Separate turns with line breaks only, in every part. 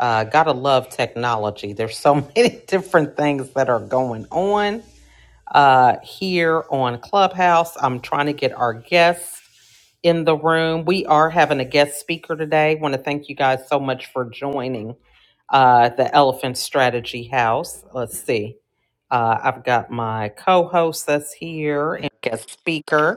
Uh, gotta love technology. There's so many different things that are going on uh, here on Clubhouse. I'm trying to get our guests in the room. We are having a guest speaker today. Want to thank you guys so much for joining uh, the Elephant Strategy House. Let's see. Uh, I've got my co host that's here and guest speaker.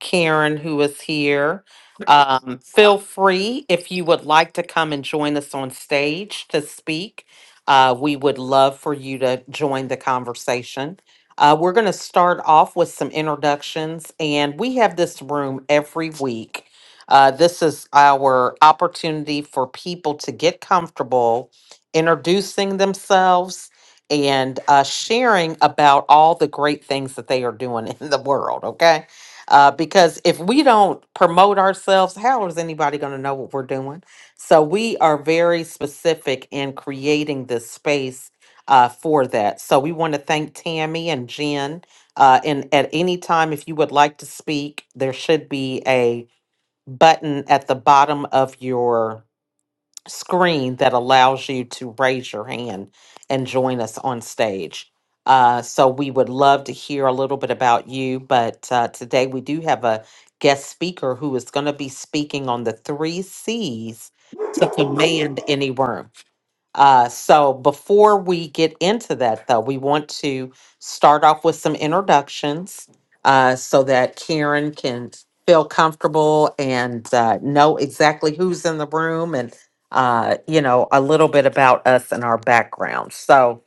Karen, who is here. Um, feel free if you would like to come and join us on stage to speak. Uh, we would love for you to join the conversation. Uh, we're going to start off with some introductions, and we have this room every week. Uh, this is our opportunity for people to get comfortable introducing themselves and uh, sharing about all the great things that they are doing in the world, okay? Uh, because if we don't promote ourselves, how is anybody going to know what we're doing? So we are very specific in creating this space uh, for that. So we want to thank Tammy and Jen. Uh, and at any time, if you would like to speak, there should be a button at the bottom of your screen that allows you to raise your hand and join us on stage. Uh, so we would love to hear a little bit about you, but uh, today we do have a guest speaker who is going to be speaking on the three C's to command any room. Uh, so before we get into that, though, we want to start off with some introductions uh, so that Karen can feel comfortable and uh, know exactly who's in the room and, uh, you know, a little bit about us and our background. So,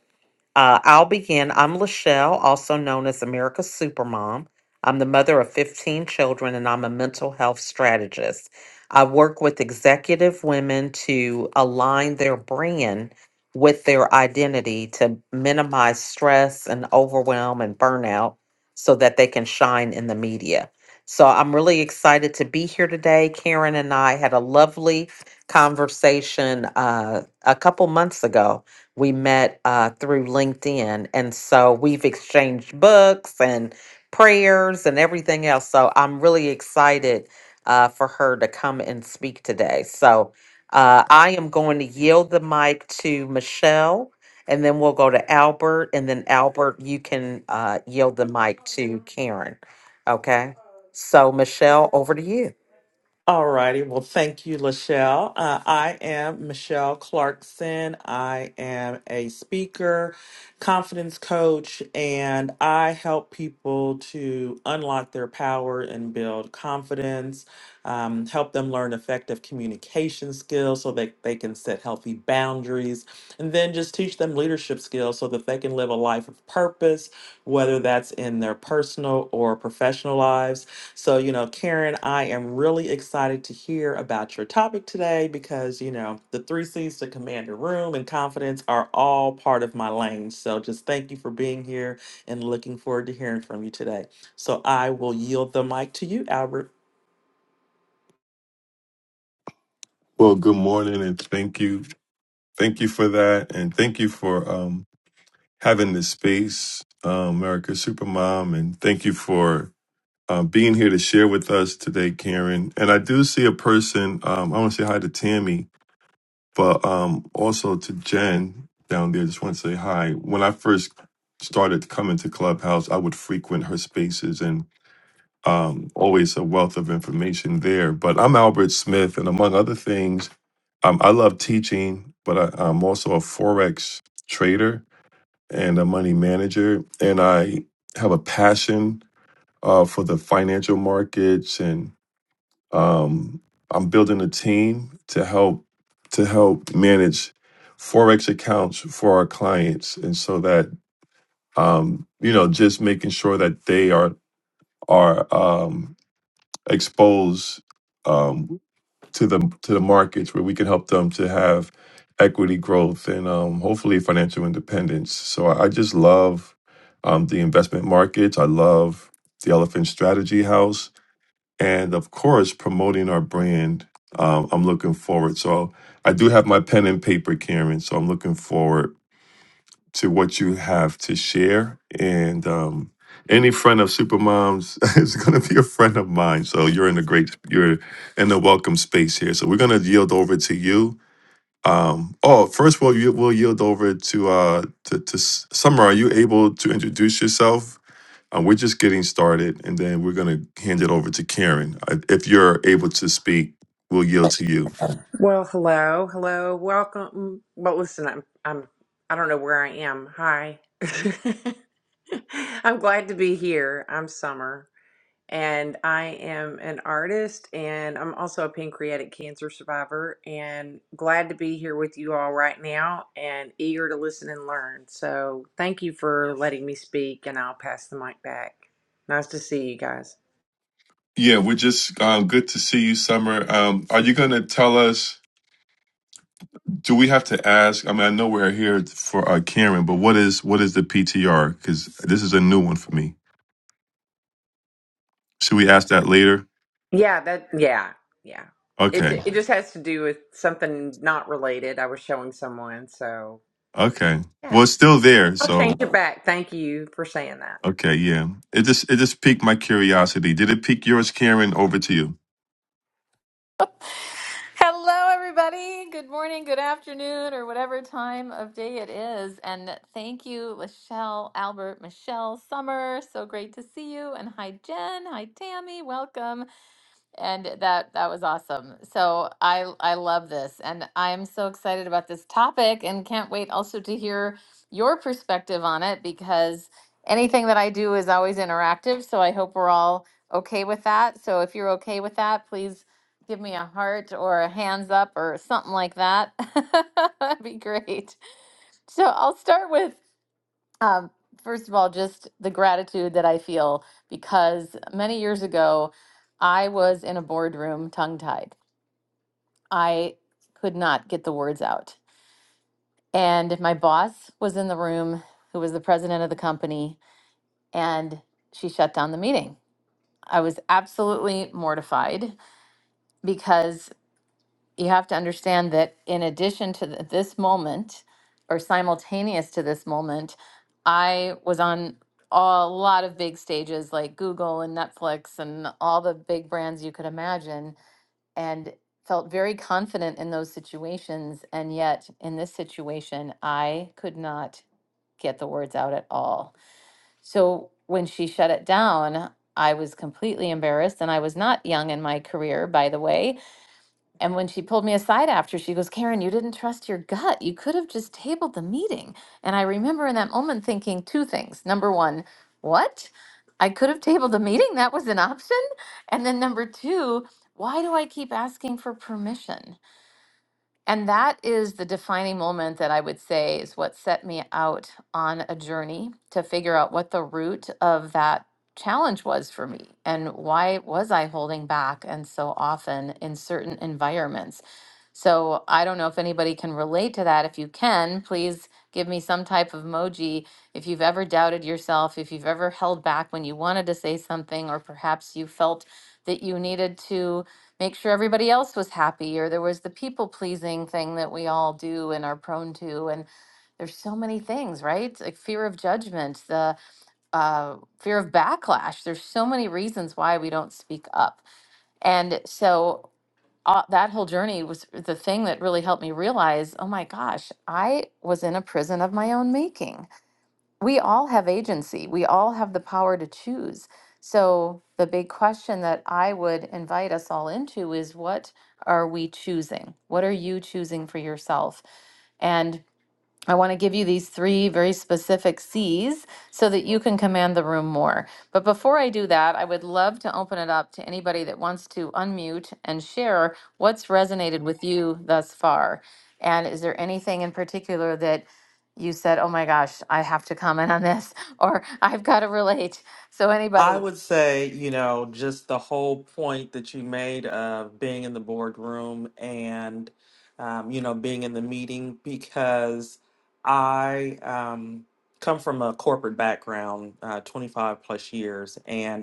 uh, I'll begin. I'm Lachelle, also known as America's Supermom. I'm the mother of 15 children and I'm a mental health strategist. I work with executive women to align their brand with their identity to minimize stress and overwhelm and burnout so that they can shine in the media. So I'm really excited to be here today. Karen and I had a lovely conversation uh, a couple months ago we met uh, through LinkedIn. And so we've exchanged books and prayers and everything else. So I'm really excited uh, for her to come and speak today. So uh, I am going to yield the mic to Michelle, and then we'll go to Albert. And then, Albert, you can uh, yield the mic to Karen. Okay. So, Michelle, over to you.
All righty. Well, thank you, Lachelle. Uh, I am Michelle Clarkson. I am a speaker, confidence coach, and I help people to unlock their power and build confidence, um, help them learn effective communication skills so that they can set healthy boundaries, and then just teach them leadership skills so that they can live a life of purpose, whether that's in their personal or professional lives. So, you know, Karen, I am really excited to hear about your topic today because, you know, the three C's to command your room and confidence are all part of my lane. So just thank you for being here and looking forward to hearing from you today. So I will yield the mic to you, Albert.
Well, good morning and thank you. Thank you for that. And thank you for um, having this space, um, America Supermom. And thank you for uh, being here to share with us today, Karen. And I do see a person, um, I want to say hi to Tammy, but um, also to Jen down there. Just want to say hi. When I first started coming to Clubhouse, I would frequent her spaces. and um, always a wealth of information there. But I'm Albert Smith, and among other things, um, I love teaching, but I, I'm also a Forex trader and a money manager. And I have a passion uh, for the financial markets, and um, I'm building a team to help to help manage forex accounts for our clients, and so that um, you know, just making sure that they are are um, expose um, to the to the markets where we can help them to have equity growth and um, hopefully financial independence. So I, I just love um, the investment markets. I love the Elephant Strategy House, and of course promoting our brand. Um, I'm looking forward. So I do have my pen and paper, Karen. So I'm looking forward to what you have to share. And um, any friend of Supermom's is going to be a friend of mine. So you're in a great, you're in a welcome space here. So we're going to yield over to you. Um, oh, first of all, you, we'll yield over to uh, to, to S- Summer. Are you able to introduce yourself? Um, we're just getting started, and then we're going to hand it over to Karen. Uh, If you're able to speak, we'll yield to you.
Well, hello, hello, welcome. Well, listen, I'm, I'm, I don't know where I am. Hi, I'm glad to be here. I'm Summer, and I am an artist, and I'm also a pancreatic cancer survivor, and glad to be here with you all right now, and eager to listen and learn. So, thank you for letting me speak, and I'll pass the mic back. Nice to see you guys.
Yeah, we're just um, good to see you, Summer. Um, are you going to tell us? Do we have to ask? I mean, I know we're here for uh, Karen, but what is what is the PTR? Because this is a new one for me. Should we ask that later?
Yeah, that yeah, yeah. It
Okay,
it just has to do with something not related. I was showing someone, so
okay.
yeah.
Well, it's still there,
I'll change
so
it back. Thank you for saying that.
okay, yeah. It just it just piqued my curiosity. Did it pique yours, Karen? Over to you.
Hello, everybody. Good morning, good afternoon, or whatever time of day it is. And thank you, Michelle, Albert, Michelle, Summer. So great to see you. And hi, Jen. Hi, Tammy. Welcome. And that that was awesome. So I I love this and I'm so excited about this topic and can't wait also to hear your perspective on it because anything that I do is always interactive, so I hope we're all okay with that. So if you're okay with that, please give me a heart or a hands up or something like that. That'd be great. So I'll start with um, first of all, just the gratitude that I feel because many years ago, I was in a boardroom tongue tied. I could not get the words out. And my boss was in the room, who was the president of the company, and she shut down the meeting. I was absolutely mortified because you have to understand that in addition to th- this moment or simultaneous to this moment i was on a lot of big stages like google and netflix and all the big brands you could imagine and felt very confident in those situations and yet in this situation i could not get the words out at all so when she shut it down i was completely embarrassed and i was not young in my career by the way and when she pulled me aside after, she goes, Karen, you didn't trust your gut. You could have just tabled the meeting. And I remember in that moment thinking two things. Number one, what? I could have tabled the meeting. That was an option. And then number two, why do I keep asking for permission? And that is the defining moment that I would say is what set me out on a journey to figure out what the root of that challenge was for me and why was I holding back and so often in certain environments. So I don't know if anybody can relate to that. If you can, please give me some type of emoji. If you've ever doubted yourself, if you've ever held back when you wanted to say something, or perhaps you felt that you needed to make sure everybody else was happy, or there was the people pleasing thing that we all do and are prone to. And there's so many things, right? Like fear of judgment, the uh, fear of backlash. There's so many reasons why we don't speak up. And so uh, that whole journey was the thing that really helped me realize oh my gosh, I was in a prison of my own making. We all have agency, we all have the power to choose. So, the big question that I would invite us all into is what are we choosing? What are you choosing for yourself? And I want to give you these three very specific C's so that you can command the room more. But before I do that, I would love to open it up to anybody that wants to unmute and share what's resonated with you thus far. And is there anything in particular that you said, oh my gosh, I have to comment on this, or I've got to relate? So,
I
anybody?
would say, you know, just the whole point that you made of being in the boardroom and, um, you know, being in the meeting because I um, come from a corporate background, uh, 25 plus years. and.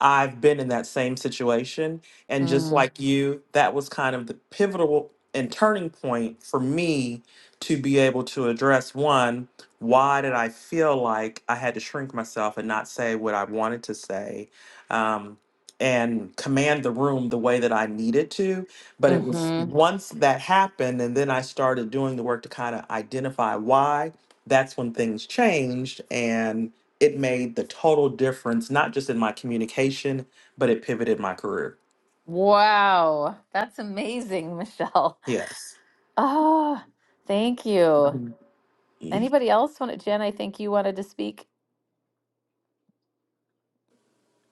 I've been in that same situation. And just
Mm,
like you, that was kind of the pivotal and turning point for me to be able to address one, why did I feel like I had to shrink myself and not say what I wanted to say? Um, and command the room the way that I needed to. But it was
hmm
once that happened, and then I started doing the work to kind of identify why, that's when things changed. And it made the total difference, not just in my communication, but it pivoted my career.
Wow, that's amazing, Michelle.
Yes.
Oh, thank you.
Mhm.
Anybody else want to, Jen? I think you wanted to speak.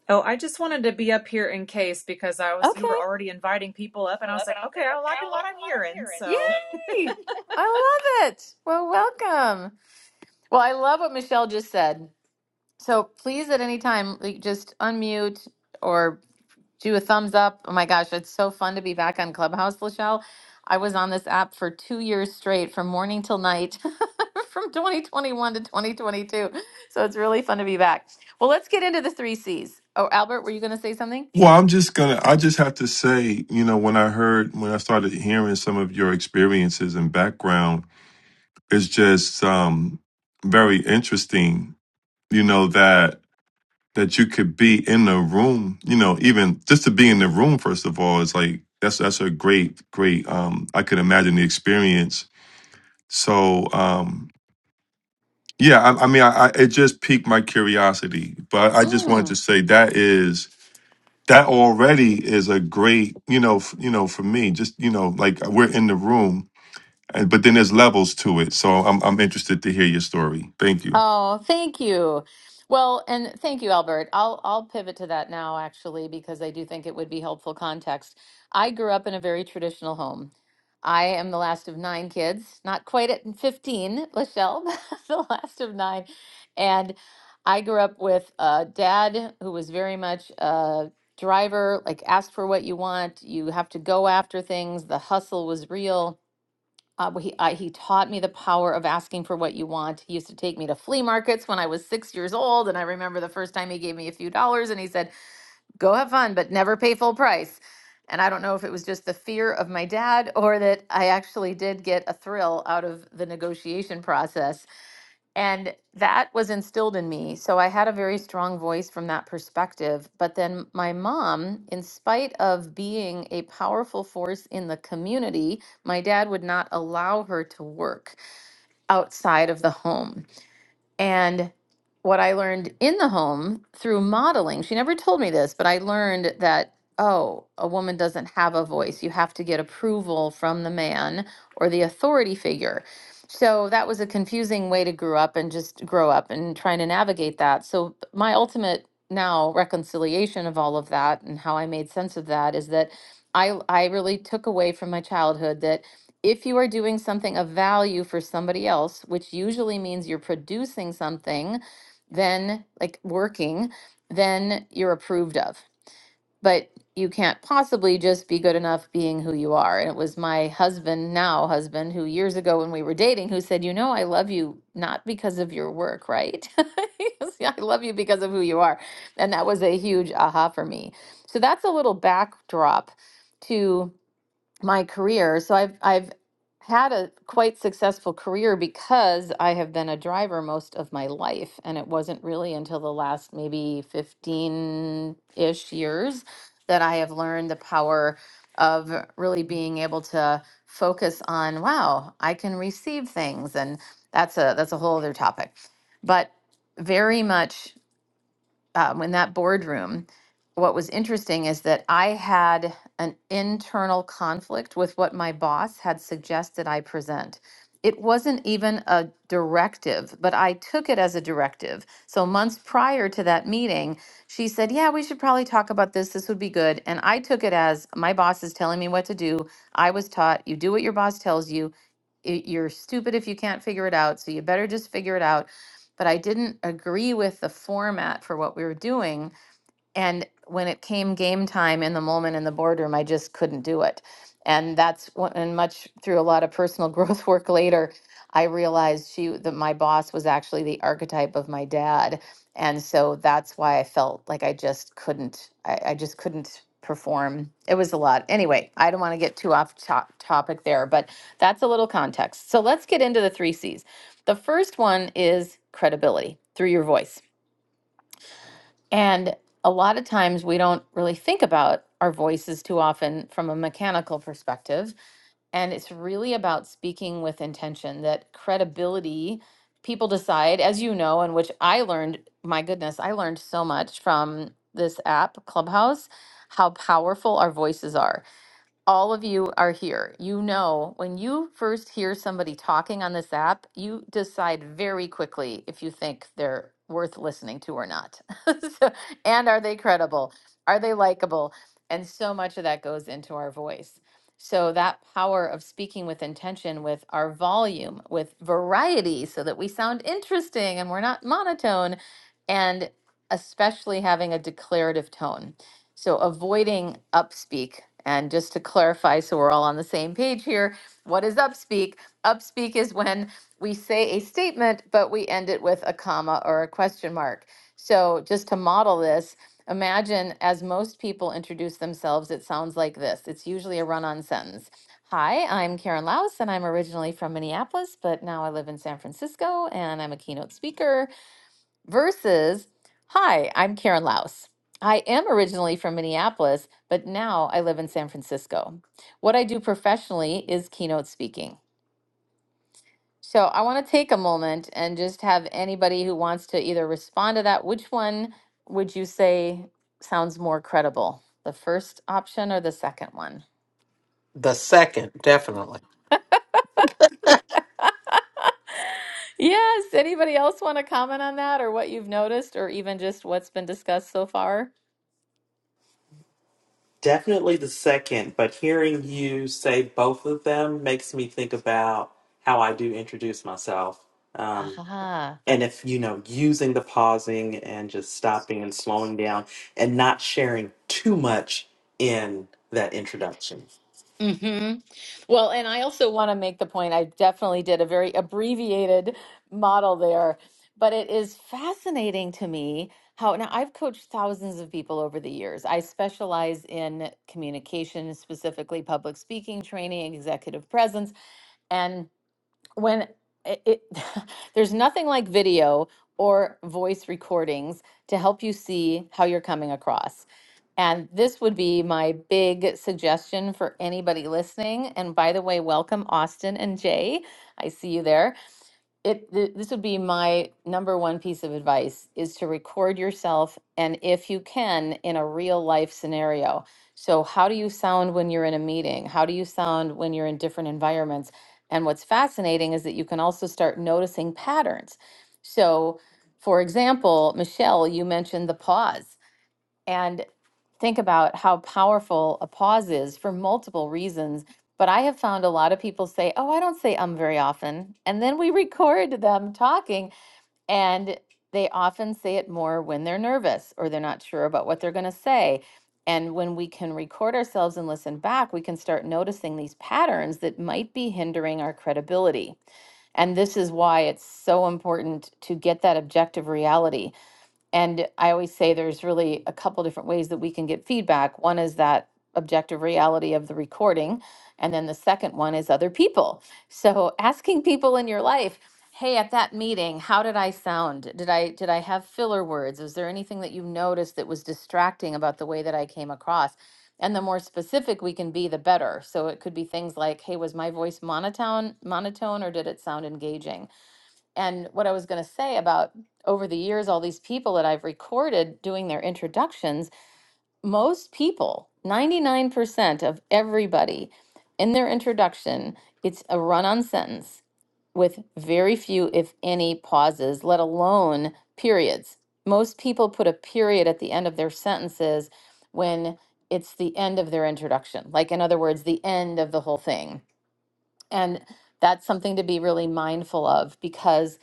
Oh, I just wanted to be up here in case because I was you
Okay.
were already inviting people up and I was like, okay, I'm liking what I'm hearing, so
Yay! I love it. Well, welcome. Well, I love what Michelle just said. So please, at any time, like, just unmute or do a thumbs up. Oh my gosh, it's so fun to be back on Clubhouse, Lachelle. I was on this app for two years straight, from morning till night, from 2021 to 2022. So it's really fun to be back. Well, let's get into the three C's. Oh, Albert, were you going to say something?
Well, I'm just gonna. I just have to say, you know, when I heard when I started hearing some of your experiences and background, it's just um very interesting. You know that that you could be in the room, you know, even just to be in the room, first of all, is like that's that's a great, great um I could imagine the experience. So um yeah, I, I mean I, I it just piqued my curiosity. But I just wanted to
Mm.
say that is that already is a great, you know, f- you know, for me, just you know, like we're in the room, and but then there's levels to it. So I'm I'm interested to hear your story. Thank you.
Oh, thank you. Well, and thank you, Albert. I'll I'll pivot to that now actually because I do think it would be helpful context. I grew up in a very traditional home. I am the last of nine kids, not quite at 15, Lachelle, but the last of nine. And I grew up with a dad who was very much a driver, like ask for what you want, you have to go after things, the hustle was real Uh, but he I, he taught me the power of asking for what you want. He used to take me to flea markets when I was six years old, and I remember the first time he gave me a few dollars, and he said, "Go have fun, but never pay full price." And I don't know if it was just the fear of my dad or that I actually did get a thrill out of the negotiation process and that was instilled in me. So I had a very strong voice from that perspective. But then my mom, in spite of being a powerful force in the community, my dad would not allow her to work outside of the home. And what I learned in the home through modeling, she never told me this, but I learned that, oh, a woman doesn't have a voice. You have to get approval from the man or the authority figure. So that was a confusing way to grow up and just grow up and trying to navigate that. So my ultimate now reconciliation of all of that and how I made sense of that is that I I really took away from my childhood that if you are doing something of value for somebody else, which usually means you're producing something, then like working, then you're approved of. But you can't possibly just be good enough being who you are. And it was my husband, now husband, who years ago when we were dating, who said, You know, I love you not because of your work, right? He goes, "Yeah, I love you because of who you are. And that was a huge aha for me. So that's a little backdrop to my career. So I've I've had a quite successful career because I have been a driver most of my life, and it wasn't really until the last maybe 15-ish years that I have learned the power of really being able to focus on, wow, I can receive things, and that's a that's a whole other topic. But very much um, in that boardroom, what was interesting is that I had an internal conflict with what my boss had suggested I present. It wasn't even a directive, but I took it as a directive. So, months prior to that meeting, she said, Yeah, we should probably talk about this. This would be good. And I took it as my boss is telling me what to do. I was taught you do what your boss tells you it, you're stupid if you can't figure it out, so you better just figure it out. But I didn't agree with the format for what we were doing. And when it came game time in the moment in the boardroom, I just couldn't do it. And that's when, and much through a lot of personal growth work later, I realized she that my boss was actually the archetype of my dad. And so that's why I felt like I just couldn't, I, I just couldn't perform. It was a lot. Anyway, I don't want to get too off top topic there, but that's a little context. So let's get into the three C's. The first one is credibility through your voice. And a lot of times we don't really think about our voices too often from a mechanical perspective. And it's really about speaking with intention that credibility, people decide, as you know, and which I learned, my goodness, I learned so much from this app, Clubhouse, how powerful our voices are all of you are here. You know, when you first hear somebody talking on this app, you decide very quickly if you think they're worth listening to or not. so, and are they credible? Are they likable? And so much of that goes into our voice. So, that power of speaking with intention, with our volume, with variety, so that we sound interesting and we're not monotone, and especially having a declarative tone so avoiding upspeak. And just to clarify, so we're all on the same page here, what is upspeak? Upspeak is when we say a statement, but we end it with a comma or a question mark. So just to model this, imagine as most people introduce themselves, it sounds like this. It's usually a run on sentence. Hi, I'm Karen Laus, and I'm originally from Minneapolis, but now I live in San Francisco, and I'm a keynote speaker versus, Hi, I'm Karen Laus. I am originally from Minneapolis, but now I live in San Francisco. What I do professionally is keynote speaking. So I want to take a moment and just have anybody who wants to either respond to that, which one would you say sounds more credible? The first option or the second one?
The second, definitely.
Yes. Anybody else want to comment on that or what you've noticed or even just what's been discussed so far?
Definitely the second, but hearing you say both of them makes me think about how I do introduce myself. Um,
Aha.
and if, you know, using the pausing and just stopping and slowing down and not sharing too much in that introduction.
Mm-hmm. Well, and I also want to make the point, I definitely did a very abbreviated model there, but it is fascinating to me how now I've coached thousands of people over the years. I specialize in communication, specifically public speaking training, executive presence, and when it, it there's nothing like video or voice recordings to help you see how you're coming across. And this would be my big suggestion for anybody listening. And by the way, welcome Austin and Jay. I see you there it th- this would be my number one piece of advice is to record yourself and if you can in a real life scenario so how do you sound when you're in a meeting how do you sound when you're in different environments and what's fascinating is that you can also start noticing patterns so for example michelle you mentioned the pause and think about how powerful a pause is for multiple reasons. But I have found a lot of people say, Oh, I don't say um very often. And then we record them talking, and they often say it more when they're nervous or they're not sure about what they're going to say. And when we can record ourselves and listen back, we can start noticing these patterns that might be hindering our credibility. And this is why it's so important to get that objective reality and I always say there's really a couple different ways that we can get feedback. One is that objective reality of the recording, and then the second one is other people. So asking people in your life, "Hey, at that meeting, how did I sound? Did I did I have filler words? Is there anything that you noticed that was distracting about the way that I came across?" And the more specific we can be, the better. So it could be things like, "Hey, was my voice monotone, monotone, or did it sound engaging?" And what I was going to say about over the years, all these people that I've recorded doing their introductions, most people, 99% of everybody in their introduction, it's a run on sentence with very few, if any, pauses, let alone periods. Most people put a period at the end of their sentences when it's the end of their introduction, like, in other words, the end of the whole thing. And that's something to be really mindful of because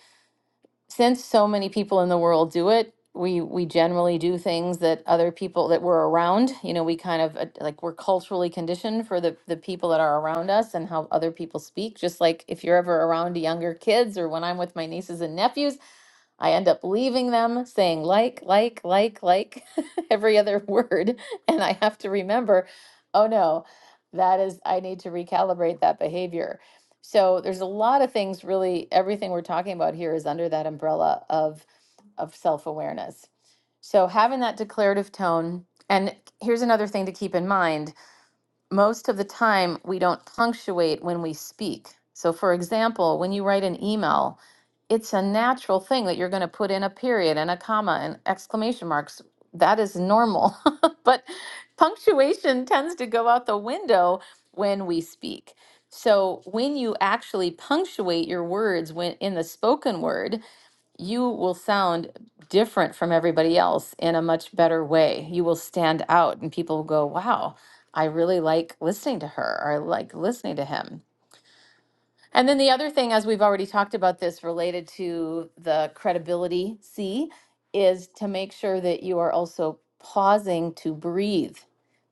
since so many people in the world do it, we we generally do things that other people that we're around, you know, we kind of uh, like we're culturally conditioned for the the people that are around us and how other people speak. Just like if you're ever around younger kids or when I'm with my nieces and nephews, I end up leaving them saying like, like, like, like every other word. And I have to remember, oh no, that is, I need to recalibrate that behavior. So there's a lot of things really, everything we're talking about here is under that umbrella of, of self awareness. So having that declarative tone. And here's another thing to keep in mind most of the time we don't punctuate when we speak. So, for example, when you write an email, it's a natural thing that you're going to put in a period and a comma and exclamation marks. That is normal. but punctuation tends to go out the window when we speak. So, when you actually punctuate your words when in the spoken word, you will sound different from everybody else in a much better way. You will stand out, and people will go, Wow, I really like listening to her, or I like listening to him. And then the other thing, as we've already talked about this related to the credibility C, is to make sure that you are also pausing to breathe.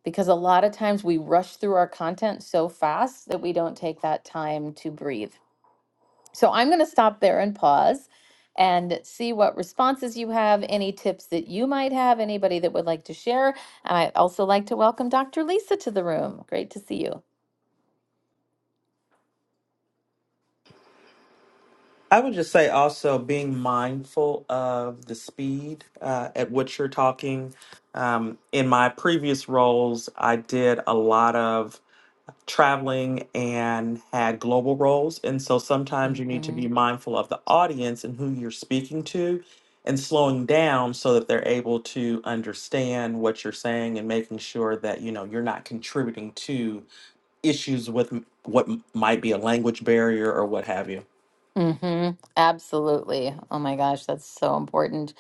Because a lot of times we rush through our content so fast that we don't take that time to breathe. So I'm going to stop there and pause and see what responses you have, any tips that you might have, anybody that would like to share. And I'd also like to welcome Dr. Lisa to the room. Great to see you.
I would just say also being mindful of the speed uh, at which you're talking. Um, in my previous roles, I did a lot of traveling and had global roles. And so sometimes you need to
Mm-hmm.
be mindful of the audience and who you're speaking to and slowing down so that they're able to understand what you're saying and making sure that, you know, you're not contributing to issues with m- what m- might be a language barrier or what have you.
Mm-hmm. Absolutely. Oh my gosh, that's so important.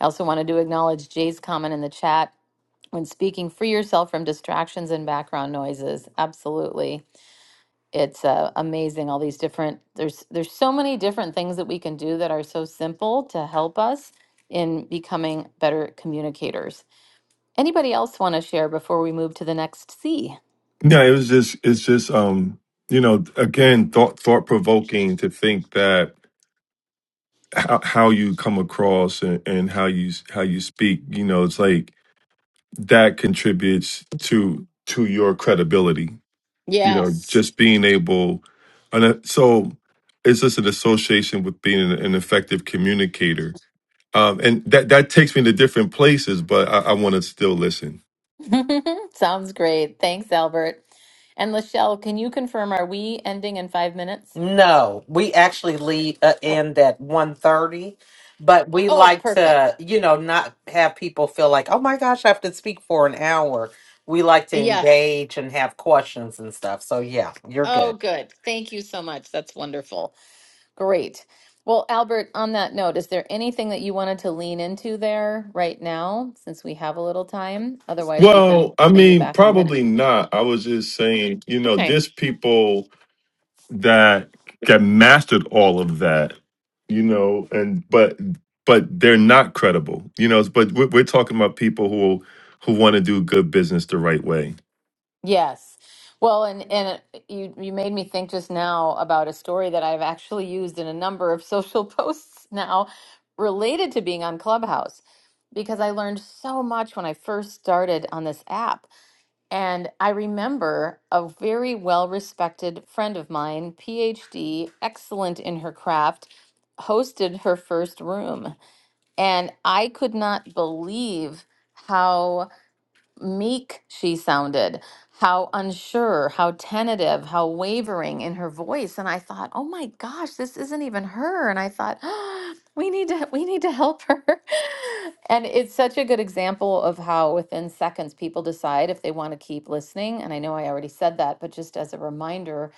I also wanted to acknowledge Jay's comment in the chat when speaking, free yourself from distractions and background noises. Absolutely. it's uh, amazing all these different there's there's so many different things that we can do that are so simple to help us in becoming better communicators anybody else want to share before we move to the next c
Yeah, it was just it's just um you know again thought thought provoking to think that how, how you come across and, and how you how you speak you know it's like that contributes to to your credibility you know
Yes.
just being able and uh, so it's just an association with being an, an effective communicator um and that that takes me to different places but I, I want to still listen.
sounds great thanks albert and lachelle can you confirm are we ending in five minutes
No, we actually leave uh,
oh,
end at one thirty, but we
oh
like
perfect
to, you know, not have people feel like, oh my gosh, I have to speak for an hour. We like to
Yes.
engage and have questions and stuff. So yeah, you're
oh
good.
good thank you so much that's wonderful Great. Well, Albert, on that note, is there anything that you wanted to lean into there right now since we have a little time? Otherwise, we can
Well, I
bring you
mean,
back in a minute.
probably not. I was just saying, you know,
Okay.
there's people that that mastered all of that, you know, and but but they're not credible, you know. But we're, we're talking about people who who want to do good business the right way.
Yes. Well, and and you you made me think just now about a story that I've actually used in a number of social posts now related to being on Clubhouse because I learned so much when I first started on this app And I remember a very well respected friend of mine, PhD, excellent in her craft, hosted her first room. And I could not believe how meek she sounded, how unsure, how tentative, how wavering in her voice. And I thought, oh my gosh, this isn't even her. And I thought, we need to we need to help her. and it's such a good example of how within seconds people decide if they want to keep listening. And I know I already said that, but just as a reminder,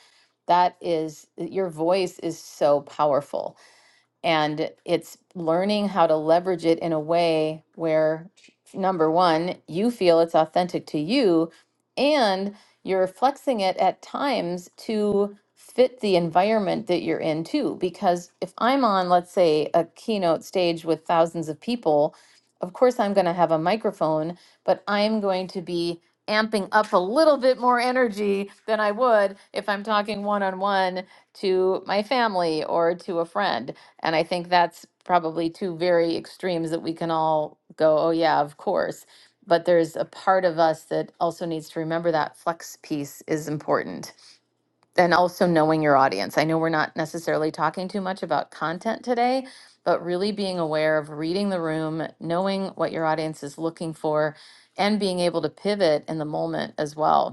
that is your voice is so powerful and it's learning how to leverage it in a way where, number one, you feel it's authentic to you and you're flexing it at times to fit the environment that you're in too. Because if I'm on, let's say, a keynote stage with thousands of people, of course I'm going to have a microphone, but I'm going to be amping up a little bit more energy than I would if I'm talking one on one to my family or to a friend and I think that's probably two very extremes that we can all go, oh, yeah, of course. But there's a part of us that also needs to remember that flex piece is important. And also knowing your audience. I know we're not necessarily talking too much about content today, but really being aware of reading the room, knowing what your audience is looking for, and being able to pivot in the moment as well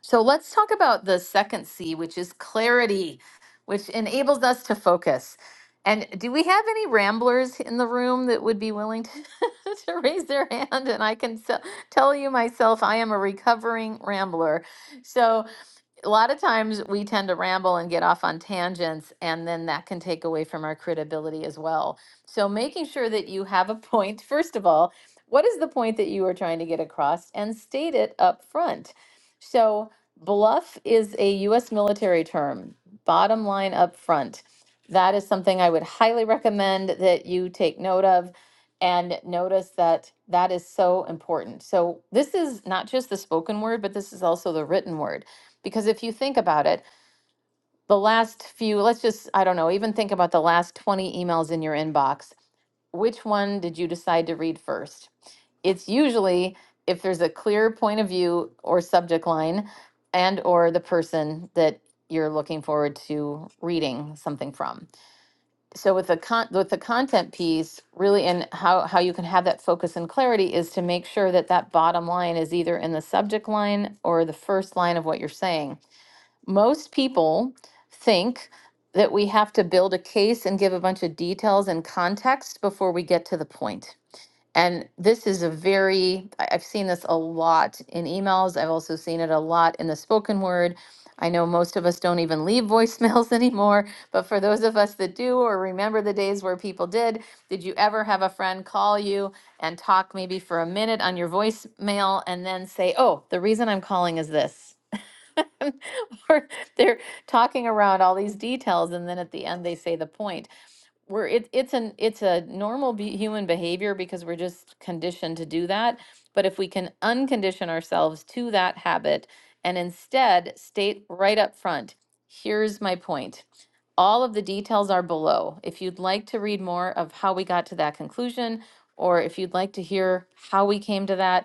so let's talk about the second C, which is clarity, which enables us to focus. And do we have any ramblers in the room that would be willing to, to raise their hand? And I can se- tell you myself, I am a recovering rambler. So a lot of times we tend to ramble and get off on tangents, and then that can take away from our credibility as well. So, making sure that you have a point, first of all, what is the point that you are trying to get across and state it up front? So, bluff is a US military term, bottom line up front. That is something I would highly recommend that you take note of and notice that that is so important. So, this is not just the spoken word, but this is also the written word. Because if you think about it, the last few, let's just, I don't know, even think about the last 20 emails in your inbox. Which one did you decide to read first? It's usually if there's a clear point of view or subject line and or the person that you're looking forward to reading something from. So with the con- with the content piece, really and how how you can have that focus and clarity is to make sure that that bottom line is either in the subject line or the first line of what you're saying most people think that we have to build a case and give a bunch of details and context before we get to the point. And this is a very, I- I've seen this a lot in emails. I've also seen it a lot in the spoken word. I know most of us don't even leave voicemails anymore, but for those of us that do or remember the days where people did, did you ever have a friend call you and talk maybe for a minute on your voicemail and then say, oh, the reason I'm calling is this? or they're talking around all these details and then at the end they say the point where it, it's an it's a normal be- human behavior because we're just conditioned to do that but if we can uncondition ourselves to that habit and instead state right up front here's my point all of the details are below if you'd like to read more of how we got to that conclusion or if you'd like to hear how we came to that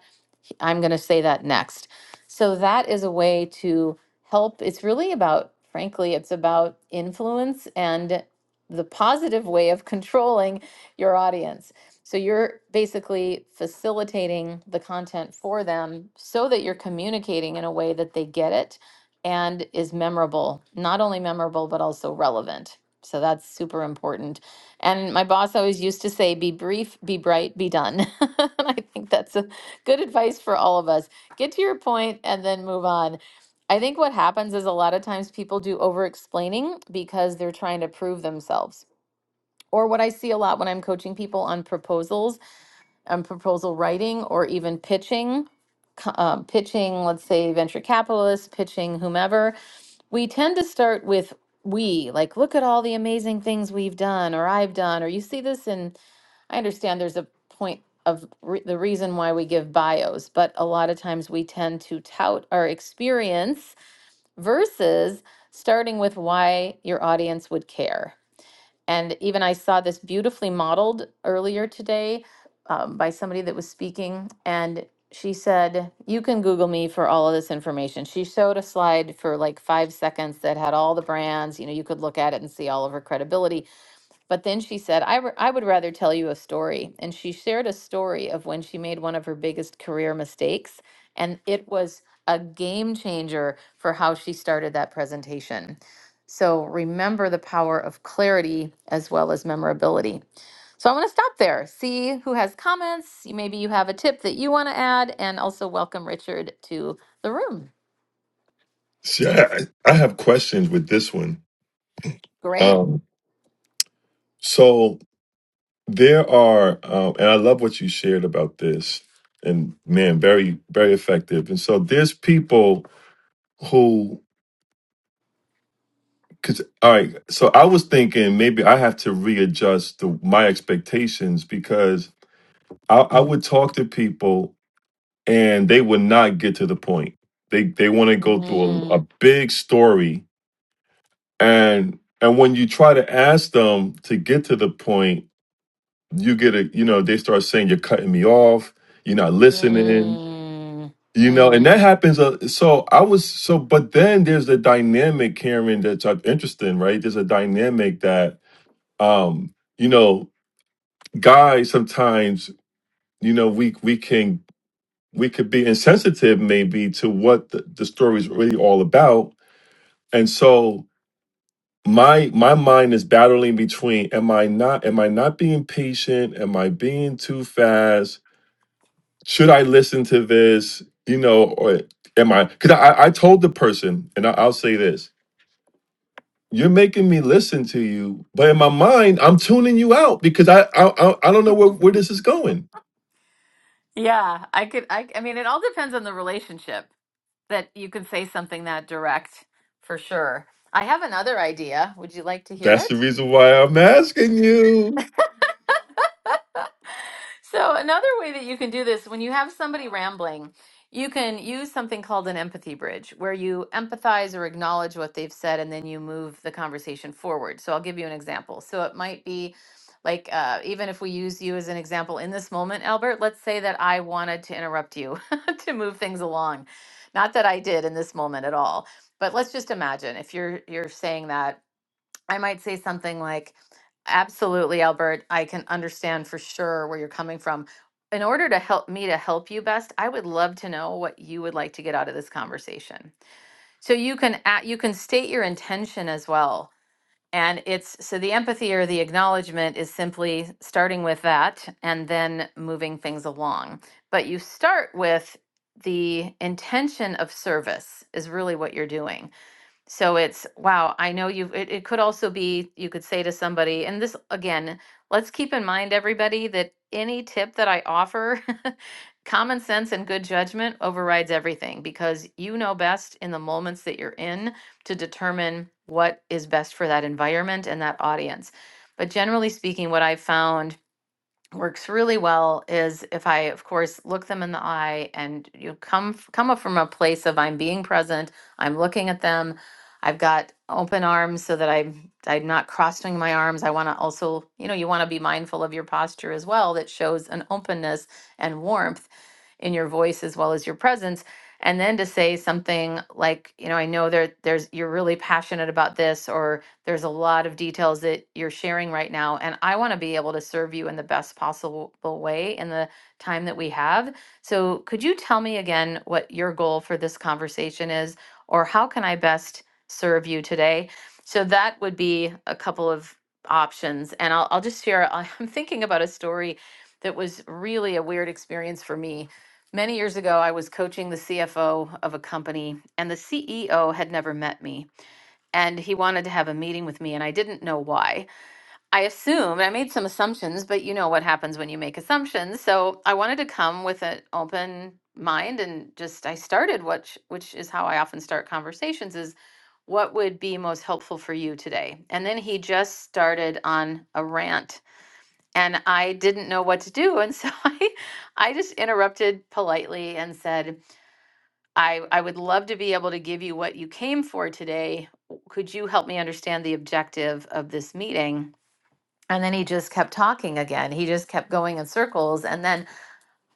I'm going to say that next. So that is a way to help. It's really about, frankly, it's about influence and the positive way of controlling your audience. So you're basically facilitating the content for them so that you're communicating in a way that they get it and is memorable, not only memorable, but also relevant. So that's super important. And my boss always used to say, be brief, be bright, be done. and I think that's a Good advice for all of us. Get to your point and then move on. I think what happens is a lot of times people do over explaining because they're trying to prove themselves. Or what I see a lot when I'm coaching people on proposals and proposal writing or even pitching, co- uh, pitching, let's say, venture capitalists, pitching whomever, we tend to start with we, like, look at all the amazing things we've done or I've done, or you see this in I understand there's a point of re- the reason why we give bios, but a lot of times we tend to tout our experience versus starting with why your audience would care. And even I saw this beautifully modeled earlier today um, by somebody that was speaking, and she said, You can Google me for all of this information. She showed a slide for like five seconds that had all the brands. You know, you could look at it and see all of her credibility but then she said, I, r- I would rather tell you a story. And she shared a story of when she made one of her biggest career mistakes. And it was a game changer for how she started that presentation. So remember the power of clarity as well as memorability. So I want to stop there, see who has comments. You- Maybe you have a tip that you want to add, and also welcome Richard to the room.
See, I, I I have questions with this one.
Great.
Um, so there are, um, and I love what you shared about this, and man, very very effective. And so there's people who. Cause all right, so I was thinking maybe I have to readjust the, my expectations because I, I would talk to people and they would not get to the point. They they want to go through a,
Mm,
a big story and and when you try to ask them to get to the point, you get a you know they start saying you're cutting me off, you're not listening,
mm,
you know,
mm.
and that happens. Uh, so I was so, but then there's a dynamic, Karen, that's uh, interesting, right? There's a dynamic that um you know guys sometimes you know we we can we could be insensitive maybe to what the, the story is really all about and so my my mind is battling between am i not am i not being patient am i being too fast should i listen to this you know or am i because I, I told the person and I, i'll say this you're making me listen to you but in my mind i'm tuning you out because i i, I I don't know where, where this is going
Yeah, I could I I mean it all depends on the relationship that you can say something that direct for sure. I have another idea. Would you like to hear
that's
it?
the reason why i'm asking you
So another way that you can do this when you have somebody rambling, you can use something called an empathy bridge where you empathize or acknowledge what they've said and then you move the conversation forward. So I'll give you an example. So it might be like uh, even if we use you as an example in this moment, Albert, let's say that I wanted to interrupt you to move things along. Not that I did in this moment at all, but let's just imagine if you're you're saying that I might say something like, Absolutely, Albert, I can understand for sure where you're coming from. In order to help me to help you best, I would love to know what you would like to get out of this conversation. So you can a- you can state your intention as well. And it's so the empathy or the acknowledgement is simply starting with that and then moving things along. But you start with the intention of service is really what you're doing. So it's wow, I know you've it, it could also be you could say to somebody, and this again, let's keep in mind everybody that any tip that I offer, common sense and good judgment overrides everything because you know best in the moments that you're in to determine what is best for that environment and that audience. But generally speaking, what I've found works really well is if I, of course, look them in the eye and you come f- come up from a place of I'm being present, I'm looking at them, I've got open arms so that I'm I'm not crossing my arms. I want to also, you know, you want to be mindful of your posture as well that shows an openness and warmth in your voice as well as your presence. And then to say something like, you know, I know there there's you're really passionate about this or there's a lot of details that you're sharing right now, and I want to be able to serve you in the best possible way in the time that we have. So, could you tell me again what your goal for this conversation is, or how can I best serve you today? So, that would be a couple of options. And I'll, I'll just share I- I'm thinking about a story that was really a weird experience for me. Many years ago, I was coaching the CFO of a company, and the CEO had never met me and he wanted to have a meeting with me and I didn't know why. I assumed I made some assumptions, but you know what happens when you make assumptions. So I wanted to come with an open mind and just I started which which is how I often start conversations is what would be most helpful for you today. And then he just started on a rant and I didn't know what to do and so I I just interrupted politely and said I, I would love to be able to give you what you came for today. Could you help me understand the objective of this meeting? And then he just kept talking again. He just kept going in circles. And then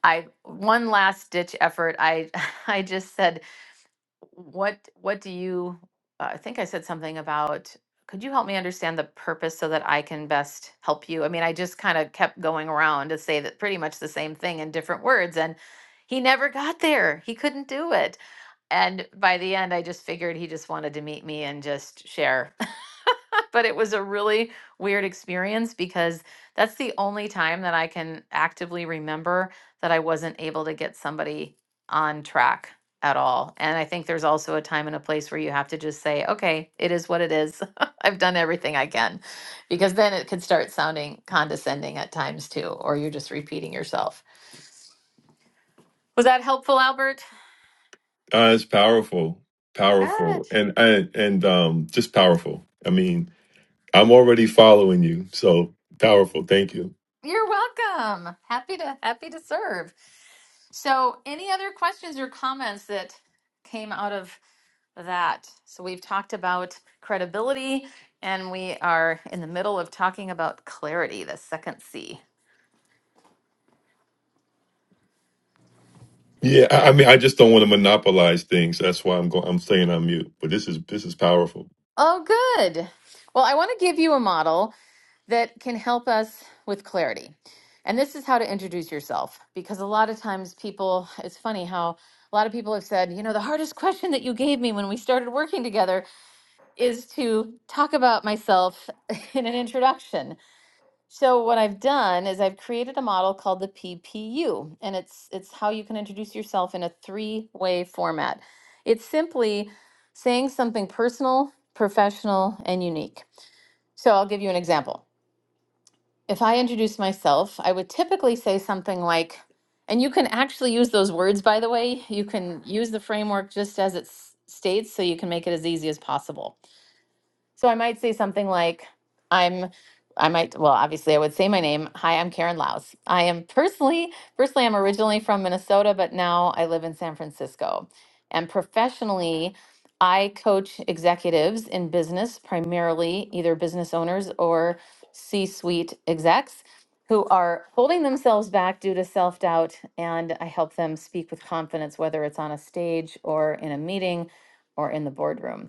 I, one last ditch effort, I, I just said, what, what do you, uh, I think I said something about, could you help me understand the purpose so that I can best help you? I mean, I just kind of kept going around to say that pretty much the same thing in different words. And he never got there. He couldn't do it. And by the end, I just figured he just wanted to meet me and just share. but it was a really weird experience because that's the only time that I can actively remember that I wasn't able to get somebody on track at all. And I think there's also a time and a place where you have to just say, okay, it is what it is. I've done everything I can. Because then it could start sounding condescending at times too, or you're just repeating yourself. Was that helpful, Albert?
Uh, it's powerful, powerful,
Good.
and and and um, just powerful. I mean, I'm already following you, so powerful. Thank you.
You're welcome. Happy to happy to serve. So, any other questions or comments that came out of that? So, we've talked about credibility and we are in the middle of talking about clarity, the second C.
Yeah, I, I mean, I just don't want to monopolize things. That's why I'm going. I'm staying on mute. But this is this is powerful.
Oh, good. Well, I want to give you a model that can help us with clarity. And this is how to introduce yourself because a lot of times people, it's funny how a lot of people have said, you know, the hardest question that you gave me when we started working together is to talk about myself in an introduction. So what I've done is I've created a model called the PPU, and it's it's how you can introduce yourself in a three-way format. It's simply saying something personal, professional, and unique. So I'll give you an example. If I introduce myself, I would typically say something like, and you can actually use those words, by the way. You can use the framework just as it s- states, so you can make it as easy as possible. So I might say something like, I'm, I might, well, obviously I would say my name. Hi, I'm Karen Laus. I am personally, personally, I'm originally from Minnesota, but now I live in San Francisco. And professionally, I coach executives in business, primarily either business owners or C suite execs who are holding themselves back due to self doubt. And I help them speak with confidence, whether it's on a stage or in a meeting or in the boardroom.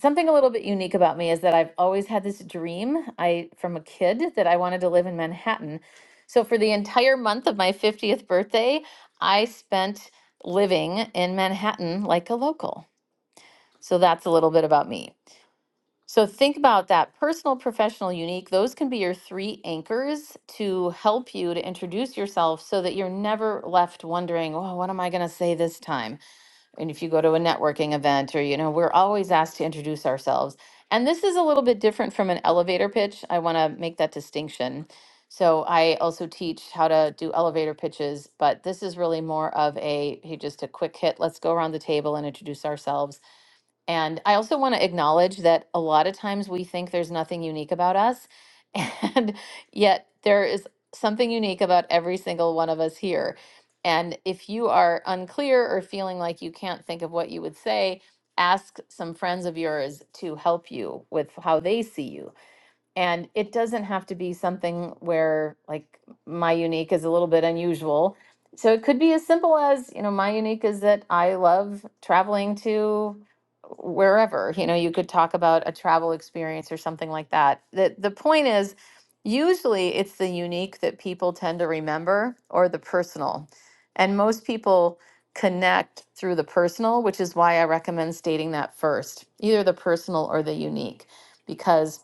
Something a little bit unique about me is that I've always had this dream, I from a kid that I wanted to live in Manhattan. So for the entire month of my 50th birthday, I spent living in Manhattan like a local. So that's a little bit about me. So think about that personal, professional, unique. Those can be your three anchors to help you to introduce yourself so that you're never left wondering, "Oh, what am I going to say this time?" and if you go to a networking event or you know we're always asked to introduce ourselves and this is a little bit different from an elevator pitch i want to make that distinction so i also teach how to do elevator pitches but this is really more of a hey just a quick hit let's go around the table and introduce ourselves and I also want to acknowledge that a lot of times we think there's nothing unique about us, and yet there is something unique about every single one of us here. And if you are unclear or feeling like you can't think of what you would say, ask some friends of yours to help you with how they see you. And it doesn't have to be something where like my unique is a little bit unusual. So it could be as simple as, you know, my unique is that I love traveling to wherever. You know, you could talk about a travel experience or something like that. The the point is usually it's the unique that people tend to remember or the personal. And most people connect through the personal, which is why I recommend stating that first, either the personal or the unique because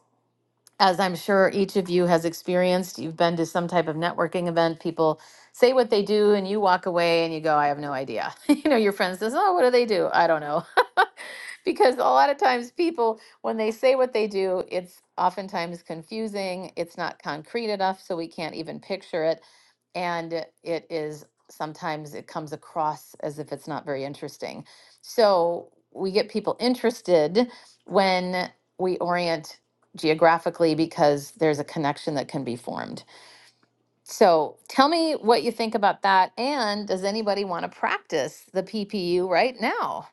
as I'm sure each of you has experienced, you've been to some type of networking event, people say what they do and you walk away and you go, I have no idea. you know, your friend says, Oh, what do they do? I don't know because a lot of times people when they say what they do it's oftentimes confusing it's not concrete enough so we can't even picture it and it is sometimes it comes across as if it's not very interesting so we get people interested when we orient geographically because there's a connection that can be formed so tell me what you think about that and does anybody want to practice the ppu right now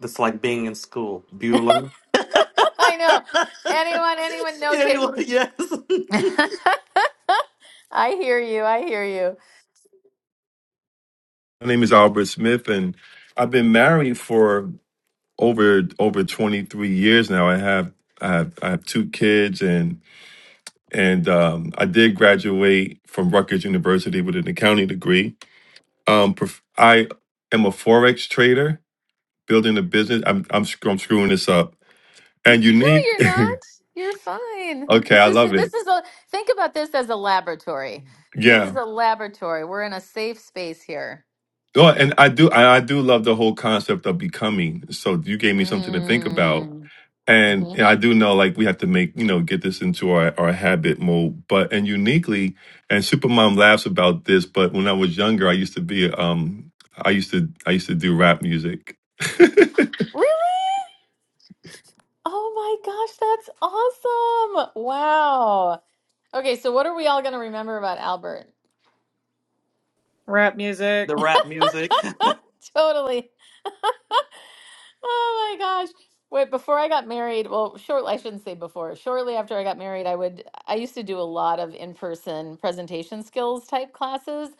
That's like being in school. Bueller.
I know. Anyone, anyone no take
anyway, yes.
I hear you. I hear you.
My name is Albert Smith, and I've been married for over over 23 years now. I have I have I have two kids, and and um, I did graduate from Rutgers University with an accounting degree. Um, prof- I am a forex trader building a business. I'm I'm sc- I'm screwing this up. And
No,
unique.
you're not. You're fine.
okay,
This
I
is
love it.
this is a think about this as a laboratory. This is
Yeah.
a laboratory. We're in a safe space here.
Oh, and I do I, I do love the whole concept of becoming. So you gave me something to think about.
Mm.
And
hmm
and I do know like we have to make, you know, get this into our, our habit mode. But and uniquely, and Supermom laughs about this, but when I was younger, I used to be um I used to I used to do rap music.
Really? Oh my gosh, that's awesome. Wow. Okay, so what are we all going to remember about Albert?
rap music.
the rap music.
Totally. Oh my gosh. Wait, before I got married, well, shortly, I shouldn't say before, shortly after I got married, I would, I used to do a lot of in-person presentation skills type classes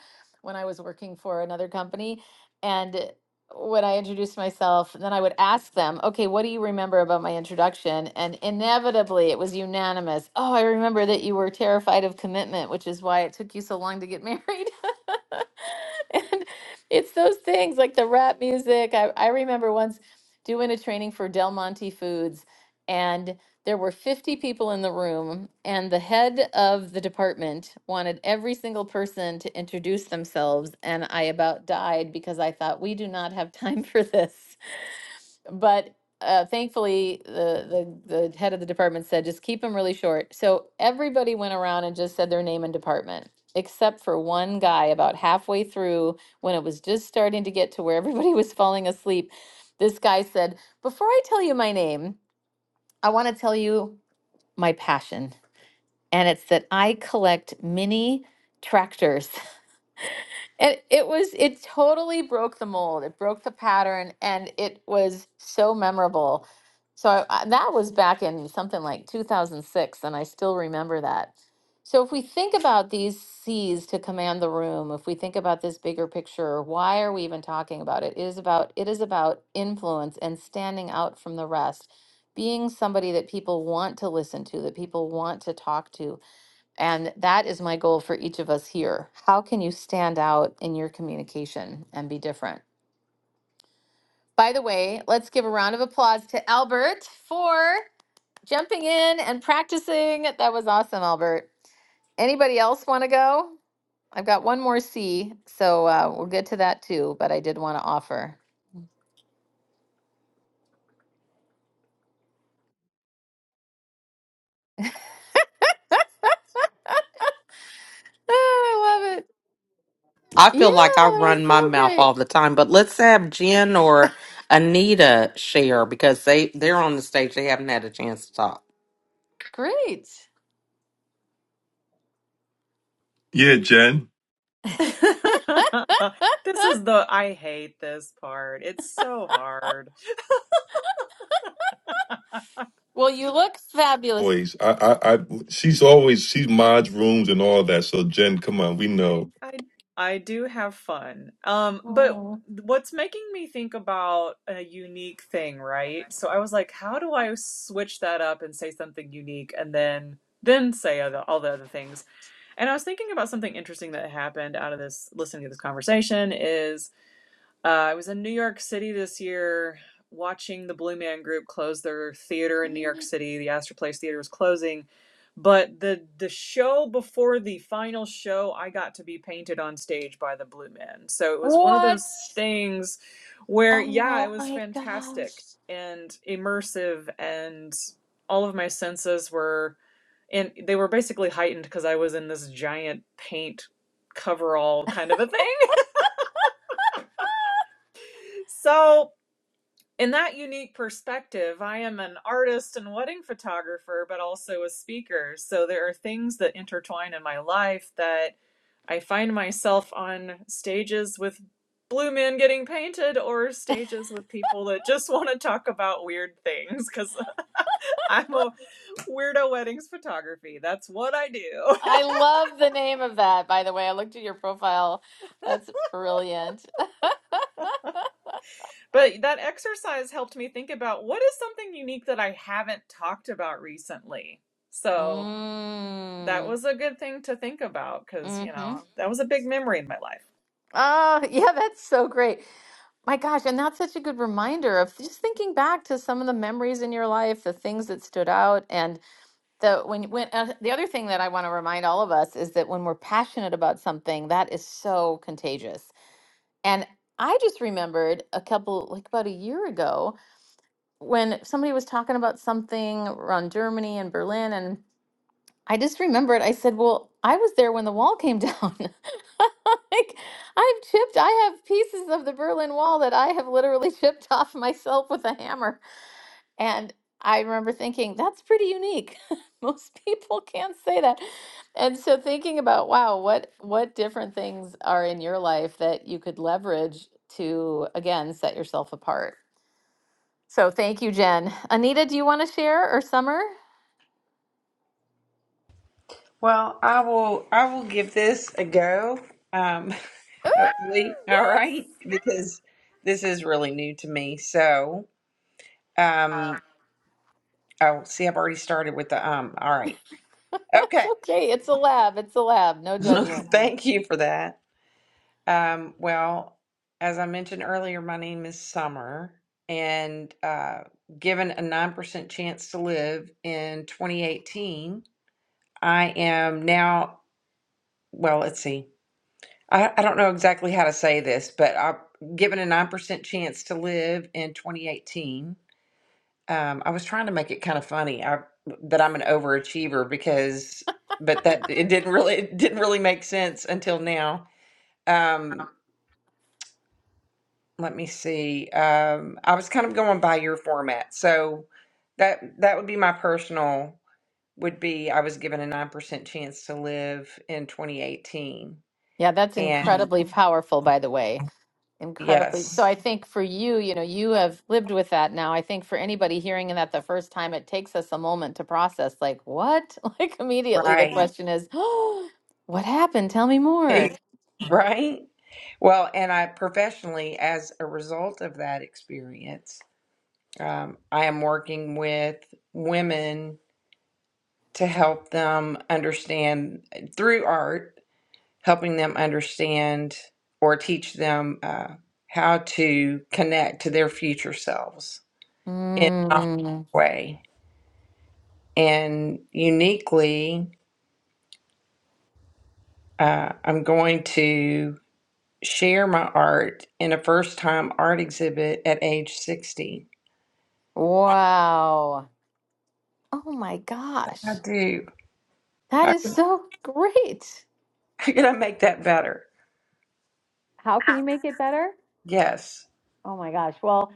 when I was working for another company. And when I introduced myself, then I would ask them, okay, what do you remember about my introduction? And inevitably it was unanimous. Oh, I remember that you were terrified of commitment, which is why it took you so long to get married. And it's those things like the rap music. I, I remember once doing a training for Del Monte Foods. And there were 50 people in the room, and the head of the department wanted every single person to introduce themselves. And I about died because I thought, we do not have time for this but uh, thankfully the, the the head of the department said just keep them really short so everybody went around and just said their name and department except for one guy about halfway through when it was just starting to get to where everybody was falling asleep this guy said before i tell you my name i want to tell you my passion and it's that i collect mini tractors and it was, it totally broke the mold. It broke the pattern and it was so memorable. So I, I- that was back in something like 2006, and I still remember that. So if we think about these C's to command the room, if we think about this bigger picture, why are we even talking about it? It is about it is about influence and standing out from the rest, being somebody that people want to listen to, that people want to talk to, and that is my goal for each of us here. How can you stand out in your communication and be different? By the way, let's give a round of applause to Albert for jumping in and practicing. That was awesome, Albert. Anybody else want to go? I've got one more C, so uh, we'll get to that too, but I did want to offer. Oh, I love it.
I
Yeah, that
feel like I
was
run my
so
mouth
great.
all the time, but let's have Jen or Anita share because they they're on the stage. They haven't had a chance to talk.
Great.
yeah, Jen
This is the I hate this part. It's so hard.
well, you look fabulous.
boys. I, I, I, she's always she mods rooms and all that. So Jen, come on, we know.
I I do have fun. Um, but
Mm.
what's making me think about a unique thing, right? So I was like, how do I switch that up and say something unique and then then say other, all the other things? And I was thinking about something interesting that happened out of this listening to this conversation is uh, I was in New York City this year watching the Blue Man Group close their theater in New York City. The Astor Place Theater was closing, but the the show before the final show, I got to be painted on stage by the Blue Men. So it was one of those
What?
things where
Oh
yeah, it was
my gosh.
fantastic and immersive and all of my senses were and they were basically heightened because I was in this giant paint coverall kind of a thing. So, in that unique perspective, I am an artist and wedding photographer, but also a speaker. So, there are things that intertwine in my life that I find myself on stages with blue men getting painted or stages with people that just want to talk about weird things because I'm a weirdo weddings photography. That's what I do.
I love the name of that, by the way. I looked at your profile. That's brilliant.
But that exercise helped me think about what is something unique that I haven't talked about recently. So that
Mm,
was a good thing to think about because, you
mm-hmm.
know, that was a big memory in my life.
Oh, yeah, that's so great. My gosh, and that's such a good reminder of just thinking back to some of the memories in your life, the things that stood out, and the when when uh, the other thing that I want to remind all of us is that when we're passionate about something, that is so contagious. And I just remembered a couple, like about a year ago, when somebody was talking about something around Germany and Berlin, and I just remembered I said, Well, I was there when the wall came down. like, I've chipped, I have pieces of the Berlin Wall that I have literally chipped off myself with a hammer. And I remember thinking, That's pretty unique. Most people can't say that. And so thinking about, wow, what what different things are in your life that you could leverage to again set yourself apart so thank you, Jen. Anita, do you want to share or Summer?
Well, I will I will give this a go. Um,
Ooh,
hopefully, all
yes.
right, because this is really new to me. So,
Um,
um, oh, see, I've already started with the um. All right,
That's
okay.
okay. It's a lab. It's a lab. No judgment.
Thank you for that. Um, well, as I mentioned earlier, my name is Summer, and uh, given a 9% chance to live in 2018, I am now, well, let's see. I, I don't know exactly how to say this, but I, given a 9% chance to live in 2018, um, I was trying to make it kind of funny I, that I'm an overachiever because, but that it didn't really, it didn't really make sense until now. Um, let me see. Um, I was kind of going by your format, so that that would be my personal would be I was given a nine percent chance to live in 2018,
Yeah, that's
and
incredibly powerful, by the way. Incredibly. So
yes,
I think for you, you know, you have lived with that now. I think for anybody hearing that the first time, it takes us a moment to process, like, what? Like, immediately the
right,
question is, oh, what happened? Tell me more.
right. Well, and I professionally, as a result of that experience, um, I am working with women to help them understand eh, through art. helping them understand or teach them uh, how to connect to their future selves in a
Mm,
way. And uniquely, uh, I'm going to share my art in a first time art exhibit at age 60.
wow. Oh my
I
gosh.
do.
That
How,
is so great.
how can I make that better?
How can you make it better?
Yes.
Oh my gosh. Well,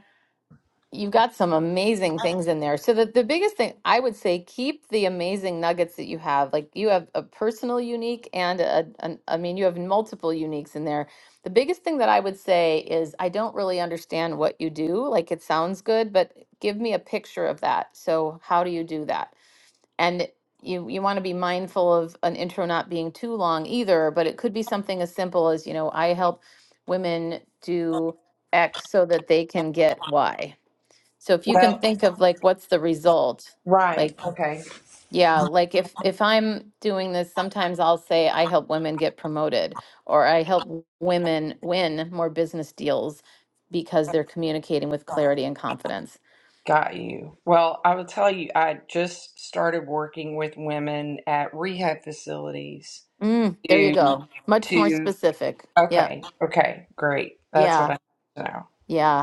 you've got some amazing things in there. So the, the biggest thing I would say, keep the amazing nuggets that you have. Like you have a personal unique and a, an I mean, you have multiple uniques in there. The biggest thing that I would say is I don't really understand what you do. Like it sounds good, but give me a picture of that. So how do you do that? And you you want to be mindful of an intro not being too long either, but it could be something as simple as, you know, I help women do X so that they can get Y. So if you can
Well,
think of like what's the result?
right.
Like
Okay.
yeah, like if if I'm doing this, sometimes I'll say I help women get promoted or I help women win more business deals because they're communicating with clarity and confidence.
Got you. Well, I will tell you, I just started working with women at rehab facilities
Mm, there you
to
go. Much more
to
specific. Yeah.
okay, okay, great. That's what I
Yeah.
need to know.
Yeah.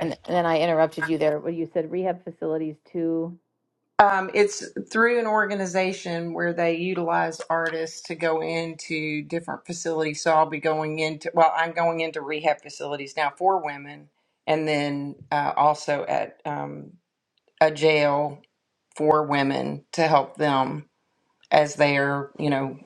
And, and then I interrupted you there where you said rehab facilities too.
Um, it's through an organization where they utilize artists to go into different facilities. So I'll be going into, well, I'm going into rehab facilities now for women, and then uh, also at um, a jail for women to help them as they're you know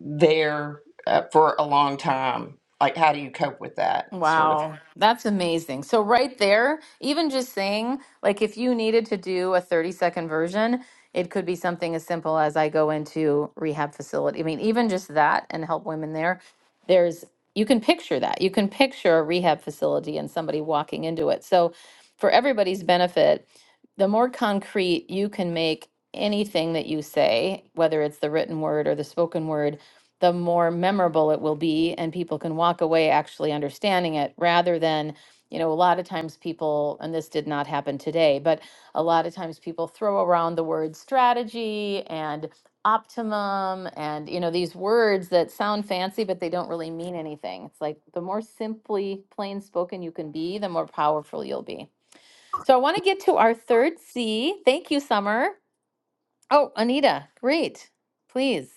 there uh, for a long time like how do you cope with that sort of thing?
Wow, that's amazing. So, right there, even just saying, like, if you needed to do a 30 second version, it could be something as simple as I go into rehab facility. I mean, even just that and help women there. There's, you can picture that. You can picture a rehab facility and somebody walking into it. So, for everybody's benefit, the more concrete you can make anything that you say, whether it's the written word or the spoken word, the more memorable it will be and people can walk away actually understanding it rather than you know a lot of times people and this did not happen today but a lot of times people throw around the word strategy and optimum and you know these words that sound fancy but they don't really mean anything it's like the more simply plain spoken you can be the more powerful you'll be so i want to get to our third c thank you summer oh anita great please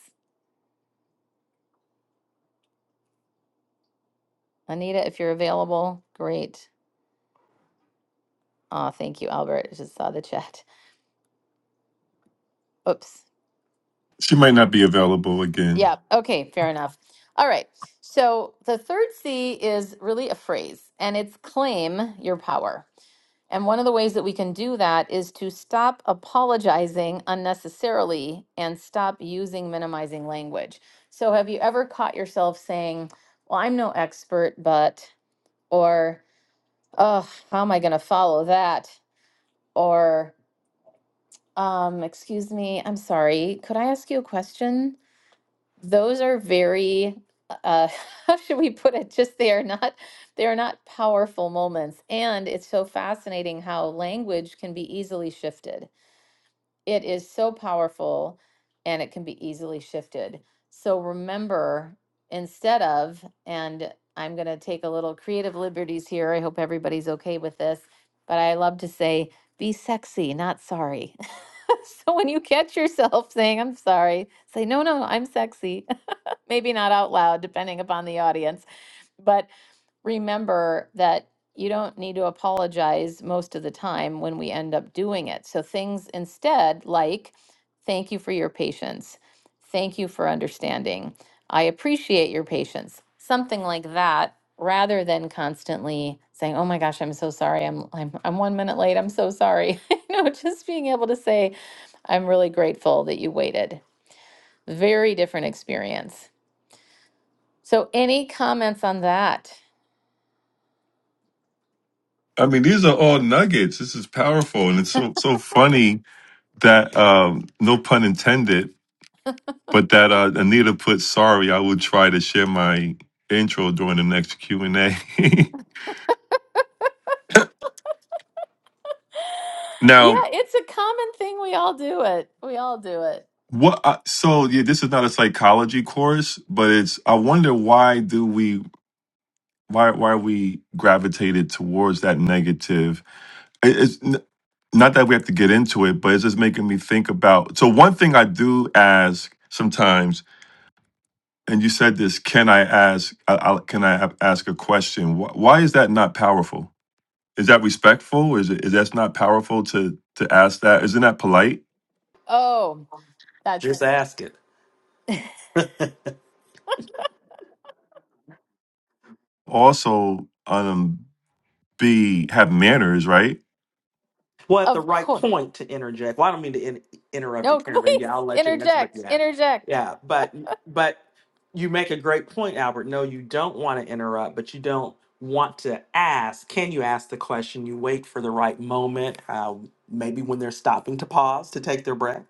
Anita, if you're available, great. Uh, thank you, Albert. I just saw the chat. Oops.
She might not be available again.
Yeah. Okay. Fair enough. All right. So the third C is really a phrase and it's claim your power. And one of the ways that we can do that is to stop apologizing unnecessarily and stop using minimizing language. So have you ever caught yourself saying, well, I'm no expert, but, or, oh, how am I going to follow that? Or, Um, excuse me, I'm sorry. Could I ask you a question? Those are very, uh, how should we put it? Just they are not, they are not powerful moments. And it's so fascinating how language can be easily shifted it is so powerful and it can be easily shifted. So remember, instead of, and I'm going to take a little creative liberties here. I hope everybody's okay with this, but I love to say, be sexy, not sorry. so when you catch yourself saying, I'm sorry, say, no, no, I'm sexy. Maybe not out loud, depending upon the audience. But remember that you don't need to apologize most of the time when we end up doing it. So things instead like, thank you for your patience. Thank you for understanding. I appreciate your patience. Something like that rather than constantly saying, "Oh my gosh, I'm so sorry. I'm I'm I'm 1 minute late. I'm so sorry." you know, just being able to say, "I'm really grateful that you waited." Very different experience. So any comments on that?
I mean, these are all nuggets. This is powerful, and it's so so funny that um, no pun intended, but that uh, Anita put sorry. I will try to share my intro during the next Q and A. Now,
Yeah, it's a common thing. We all do it. We all do it.
what? I, so yeah, this is not a psychology course, but it's. I wonder why do we why why we gravitated towards that negative. It- It's, not that we have to get into it, but it's just making me think about. So one thing I do ask sometimes, and you said this: Can I ask? I, I, can I a- ask a question? Why, why is that not powerful? Is that respectful? Is it is that's not powerful to to ask that? Isn't that polite?
Oh, that's
Just ask it.
Also, um, be have manners, right?
Well, at the
of
right
course.
point to interject. Well, I don't mean to in- interrupt you,
No,
Karen, but
please
yeah, I'll let you answer, but you
interject.
have.
Interject.
Yeah, but but you make a great point, Albert. No, you don't want to interrupt, but you don't want to ask. Can you ask the question? You wait for the right moment, uh, maybe when they're stopping to pause to take their breath,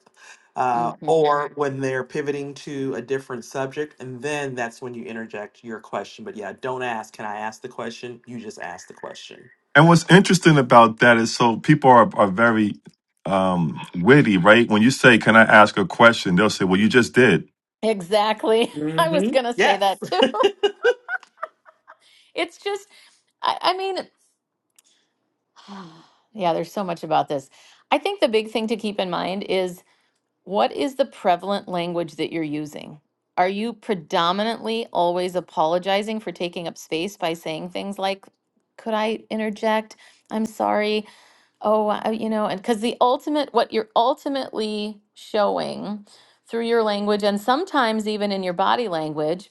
uh,
hmm
or when they're pivoting to a different subject, and then that's when you interject your question. But yeah, don't ask. Can I ask the question? You just ask the question.
And what's interesting about that is so people are are very um witty, right? When you say, "Can I ask a question?" they'll say, "Well, you just did."
Exactly. I was
hmm
gonna say
Yes.
that too. It's just, I, I mean, yeah, there's so much about this. I think the big thing to keep in mind is what is the prevalent language that you're using? Are you predominantly always apologizing for taking up space by saying things like, could I interject? I'm sorry. Oh, wow, you know, and because the ultimate, what you're ultimately showing through your language and sometimes even in your body language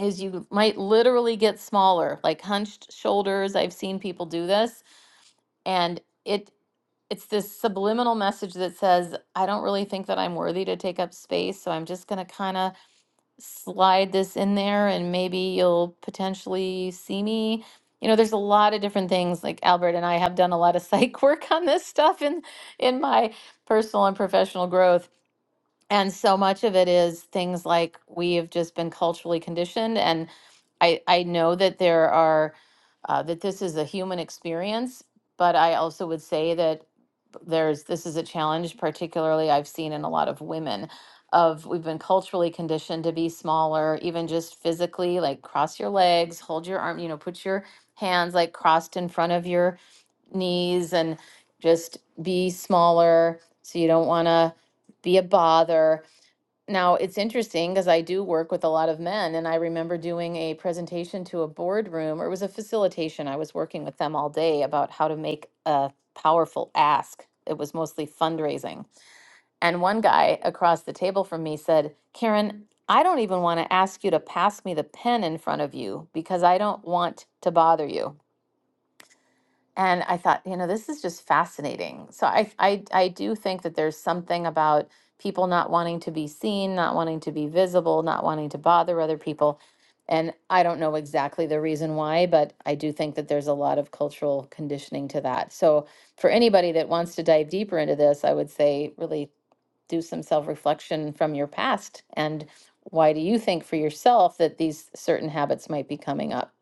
is you might literally get smaller, like hunched shoulders. I've seen people do this, and it it's this subliminal message that says, I don't really think that I'm worthy to take up space, so I'm just going to kind of slide this in there and maybe you'll potentially see me. You know, there's a lot of different things. Like Albert and I have done a lot of psych work on this stuff in in my personal and professional growth. And so much of it is things like we have just been culturally conditioned. And I, I know that there are uh, that this is a human experience, but I also would say that there's this is a challenge particularly i've seen in a lot of women of we've been culturally conditioned to be smaller even just physically like cross your legs hold your arm you know put your hands like crossed in front of your knees and just be smaller so you don't want to be a bother now, it's interesting because I do work with a lot of men, and I remember doing a presentation to a boardroom, or it was a facilitation. I was working with them all day about how to make a powerful ask. It was mostly fundraising. And one guy across the table from me said, Karen, I don't even want to ask you to pass me the pen in front of you because I don't want to bother you. And I thought, you know, this is just fascinating. So I, I, I do think that there's something about people not wanting to be seen, not wanting to be visible, not wanting to bother other people. And I don't know exactly the reason why, but I do think that there's a lot of cultural conditioning to that. So for anybody that wants to dive deeper into this, I would say really do some self reflection from your past. And why do you think for yourself that these certain habits might be coming up?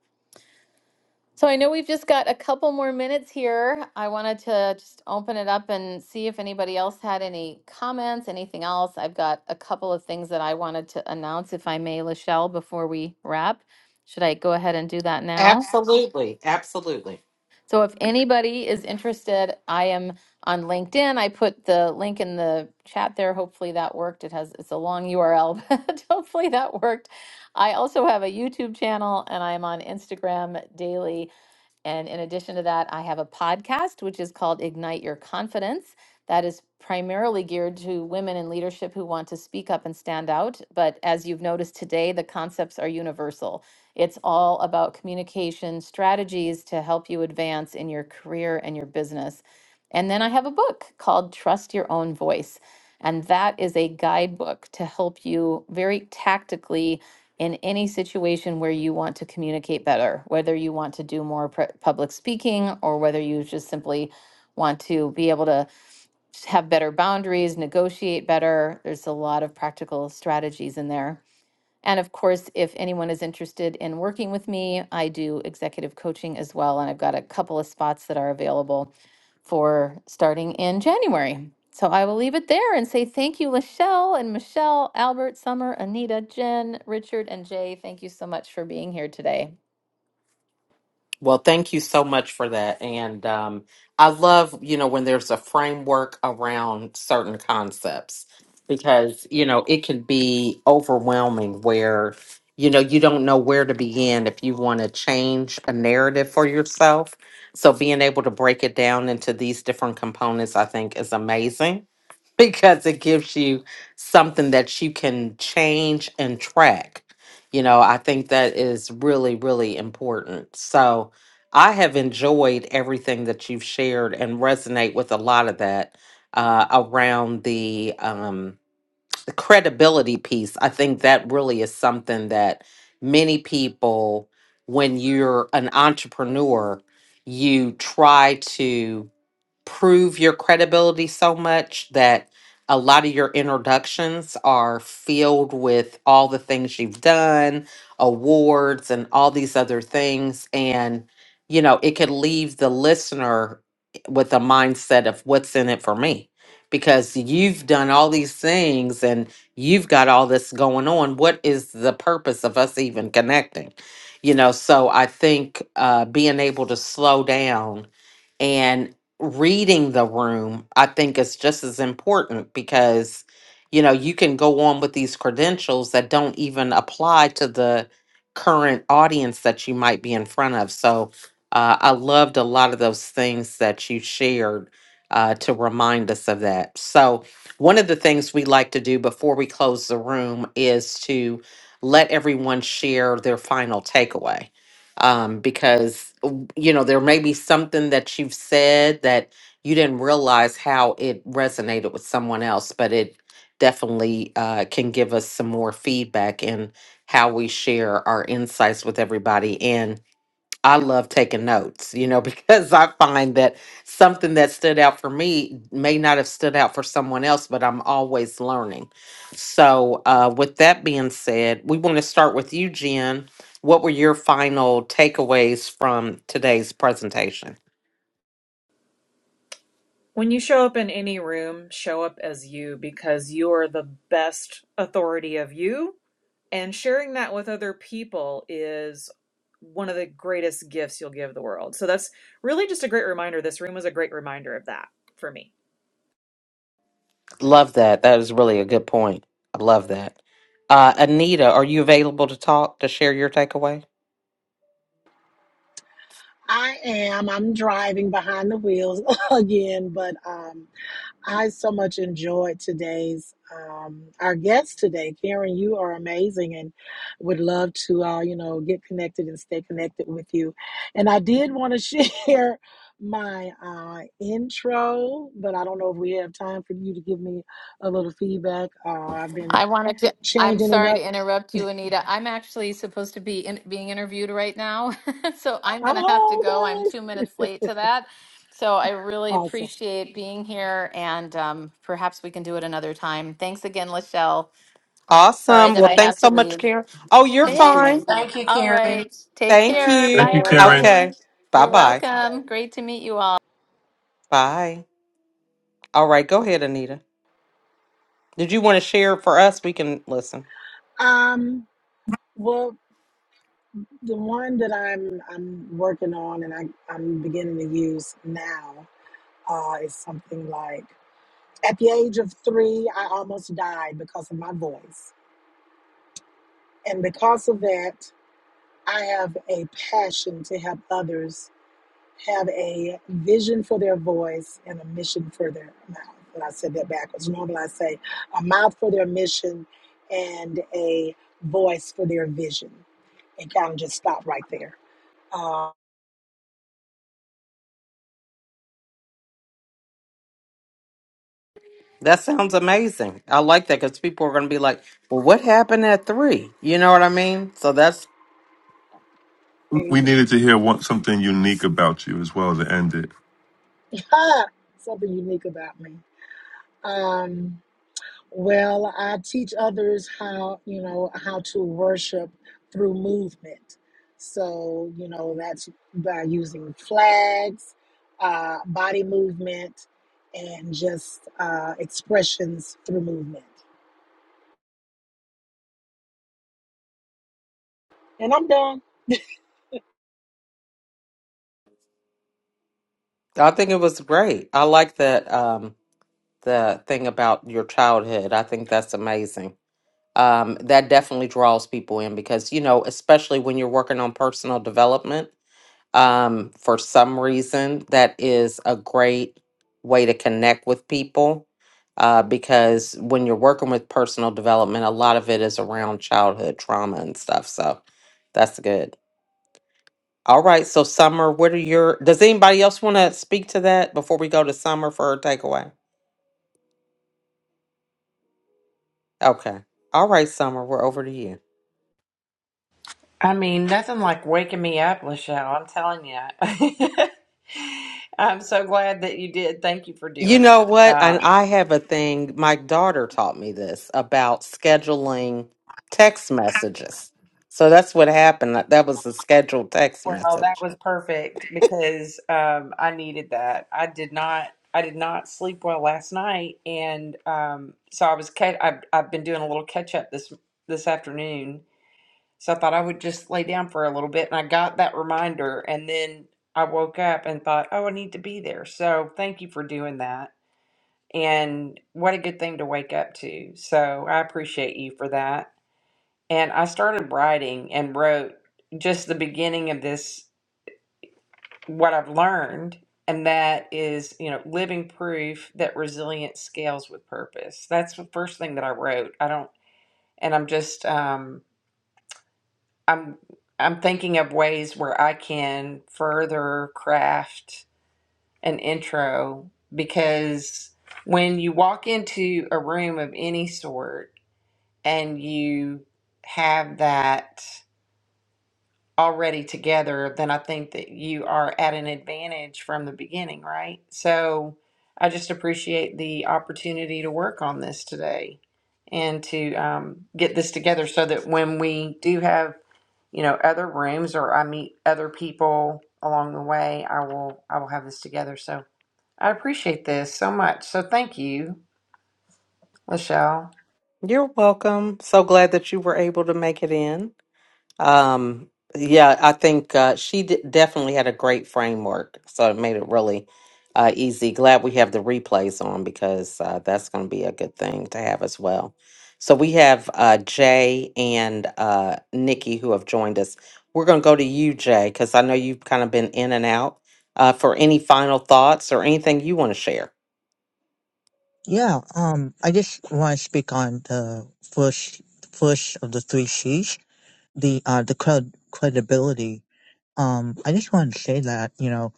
So I know we've just got a couple more minutes here. I wanted to just open it up and see if anybody else had any comments, anything else. I've got a couple of things that I wanted to announce, if I may, Lachelle, before we wrap. Should I go ahead and do that now?
Absolutely, absolutely.
So if anybody is interested, I am on LinkedIn. I put the link in the chat there. Hopefully that worked. It has it's a long URL, but hopefully that worked. I also have a YouTube channel and I'm on Instagram daily. And in addition to that, I have a podcast which is called Ignite Your Confidence. That is primarily geared to women in leadership who want to speak up and stand out. But as you've noticed today, the concepts are universal. It's all about communication strategies to help you advance in your career and your business. And then I have a book called Trust Your Own Voice. And that is a guidebook to help you very tactically in any situation where you want to communicate better, whether you want to do more pr- public speaking or whether you just simply want to be able to have better boundaries, negotiate better. There's a lot of practical strategies in there. And of course, if anyone is interested in working with me, I do executive coaching as well. And I've got a couple of spots that are available for starting in January. So I will leave it there and say thank you, Lachelle and Michelle, Albert, Summer, Anita, Jen, Richard, and Jay. Thank you so much for being here today.
Well, thank you so much for that. And um, I love, you know, when there's a framework around certain concepts because, you know, it can be overwhelming where, you know, you don't know where to begin if you want to change a narrative for yourself. So being able to break it down into these different components, I think, is amazing. because it gives you something that you can change and track. You know, I think that is really, really important. So I have enjoyed everything that you've shared and resonate with a lot of that uh, around the, um, the credibility piece. I think that really is something that many people, when you're an entrepreneur, you try to prove your credibility so much that a lot of your introductions are filled with all the things you've done, awards, and all these other things. And, you know, it could leave the listener with a mindset of what's in it for me because you've done all these things and you've got all this going on. What is the purpose of us even connecting? You know, so I think uh, being able to slow down and reading the room i think is just as important because you know you can go on with these credentials that don't even apply to the current audience that you might be in front of so uh, i loved a lot of those things that you shared uh, to remind us of that so one of the things we like to do before we close the room is to let everyone share their final takeaway um, because you know, there may be something that you've said that you didn't realize how it resonated with someone else, but it definitely uh, can give us some more feedback in how we share our insights with everybody. and. I love taking notes, you know, because I find that something that stood out for me may not have stood out for someone else, but I'm always learning. So, uh, with that being said, we want to start with you, Jen. What were your final takeaways from today's presentation?
When you show up in any room, show up as you because you are the best authority of you. And sharing that with other people is one of the greatest gifts you'll give the world. So that's really just a great reminder. This room was a great reminder of that for me.
Love that. That is really a good point. I love that. Uh, Anita, are you available to talk to share your takeaway?
I am. I'm driving behind the wheels again, but um, I so much enjoyed today's um, our guest today, Karen. You are amazing, and would love to uh, you know get connected and stay connected with you. And I did want to share my uh, intro, but I don't know if we have time for you to give me a little feedback. Uh, I've been
I wanted to. I'm
changing it
sorry
up.
to interrupt you, Anita. I'm actually supposed to be in, being interviewed right now, so I'm going to have to go. I'm
Oh, guys,
two minutes late to that. So I really
awesome!
appreciate being here, and um, perhaps we can do it another time. Thanks again, Lachelle. Sorry
Awesome.
that
Well,
I have
thanks
to
so much,
leave.
Karen. Oh, you're
You too.
fine.
Thanks.
thank you
All
karen
right. Take
Thank
Thanks,
care. Bye,
Thank
you.
you,
Karen.
Karen.
everybody.
Okay. Bye
You're
Have an
bye.
awesome day.
welcome. Great to meet you all.
Bye. All right. Go ahead, Anita. Did you want to share for us? We can listen.
Um, well, the one that I'm I'm working on and I, I'm beginning to use now uh, is something like at the age of three, I almost died because of my voice, and because of that, I have a passion to help others have a vision for their voice and a mission for their mouth. And I said that backwards. Normally, I say a mouth for their mission and a voice for their vision, and kind of just stop right there Uh,
That sounds amazing. I like that because people are going to be like, well, what happened at three? You know what I mean? So that's,
amen.
We needed to hear one, something unique about you as well to end it.
something unique about me. Um, well, I teach others how you know how to worship through movement. So you know that's by using flags, uh, body movement, and just uh, expressions through movement. And I'm done.
I think it was great. I like that, um, the thing about your childhood. I think that's amazing. um, that definitely draws people in because you know especially when you're working on personal development um, for some reason that is a great way to connect with people uh, because when you're working with personal development a lot of it is around childhood trauma and stuff so that's good all right so summer what are your does anybody else want to speak to that before we go to summer for her takeaway okay all right summer we're over to you
i mean nothing like waking me up lachelle i'm telling you i'm so glad that you did thank you for
You
doing
know
that
what? And
um,
I have a thing, my daughter taught me this about scheduling text messages. So that's what happened. That that was a scheduled text
well that
message.
was perfect because um, i needed that i did not I did not sleep well last night, and um, so I was. Ca- I've, I've been doing a little catch up this this afternoon, So I thought I would just lay down for a little bit. And I got that reminder. And then I woke up and thought, oh, I need to be there. So thank you for doing that. And what a good thing to wake up to. So I appreciate you for that. And I started writing and wrote just the beginning of this, what I've learned. And that is, you know, living proof that resilience scales with purpose. That's the first thing that I wrote. I don't, and I'm just, um. I'm I'm thinking of ways where I can further craft an intro because when you walk into a room of any sort and you have that already together, then I think that you are at an advantage from the beginning, right? So I just appreciate the opportunity to work on this today and to um, get this together so that when we do have you know, other rooms or I meet other people along the way, I will I will have this together. So I appreciate this so much. So thank you, Lachelle.
You're welcome. So glad that you were able to make it in. Um, yeah, I think uh, she d- definitely had a great framework, so it made it really uh, easy. Glad we have the replays on because uh, that's going to be a good thing to have as well. So we have uh, Jay and uh, Nikki who have joined us. We're going to go to you, Jay, because I know you've kind of been in and out. Uh, for any final thoughts or anything you want to share.
Yeah, um, I just want to speak on the first, first of the three C's, the uh, the cred- credibility. Um, I just want to say that you know,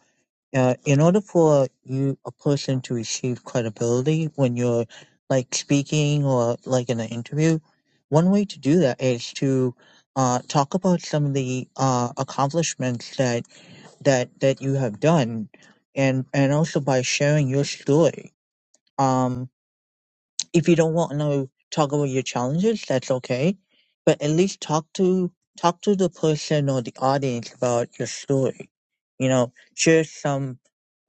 uh, in order for you a person to receive credibility when you're like speaking or like in an interview, one way to do that is to uh, talk about some of the uh, accomplishments that that that you have done, and and also by sharing your story. Um, if you don't want to talk about your challenges, that's okay. But at least talk to talk to the person or the audience about your story. You know, share some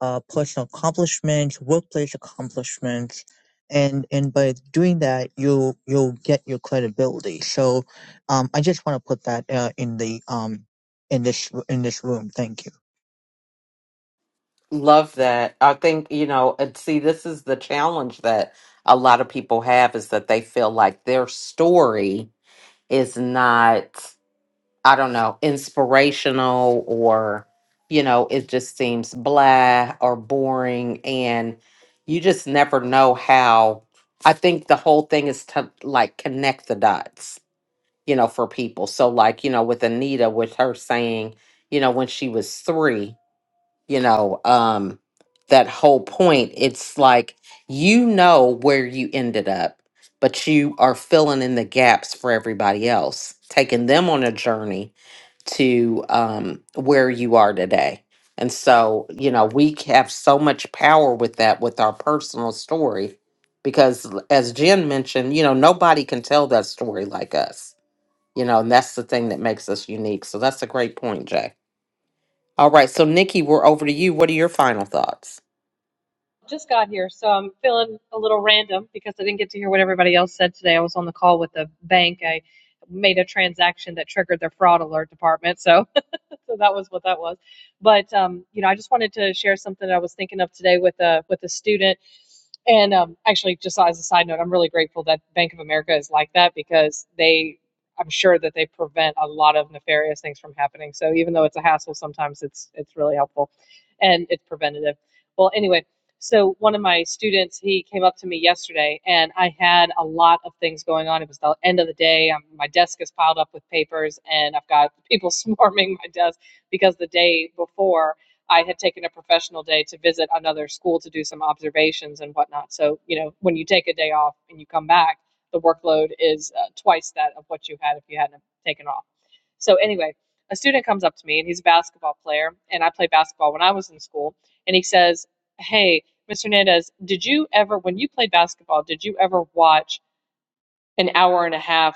uh, personal accomplishments, workplace accomplishments, and and by doing that, you'll you'll get your credibility. So, um, I just want to put that uh, in the um in this in this room. Thank you.
Love that. I think, you know, and see, this is the challenge that a lot of people have is that they feel like their story is not, I don't know, inspirational or, you know, it just seems blah or boring. And you just never know how. I think the whole thing is to like connect the dots, you know, for people. So, like, you know, with Anita, with her saying, you know, when she was three, you know um that whole point it's like you know where you ended up but you are filling in the gaps for everybody else taking them on a journey to um where you are today and so you know we have so much power with that with our personal story because l- as jen mentioned you know nobody can tell that story like us you know and that's the thing that makes us unique so that's a great point jay all right, so Nikki, we're over to you. What are your final thoughts?
Just got here, so I'm feeling a little random because I didn't get to hear what everybody else said today. I was on the call with the bank. I made a transaction that triggered their fraud alert department, so so that was what that was. But um, you know, I just wanted to share something that I was thinking of today with a with a student. And um, actually, just as a side note, I'm really grateful that Bank of America is like that because they, I'm sure that they prevent a lot of nefarious things from happening. So even though it's a hassle, sometimes it's it's really helpful, and it's preventative. Well, anyway, so one of my students, he came up to me yesterday, and I had a lot of things going on. It was the end of the day. Um my desk is piled up with papers, and I've got people swarming my desk because the day before I had taken a professional day to visit another school to do some observations and whatnot. So, you know, when you take a day off and you come back, the workload is uh, twice that of what you had if you hadn't taken off. So, anyway, a student comes up to me and he's a basketball player, and I played basketball when I was in school. And he says, Hey, Mr. Hernandez, did you ever, when you played basketball, did you ever watch an hour and a half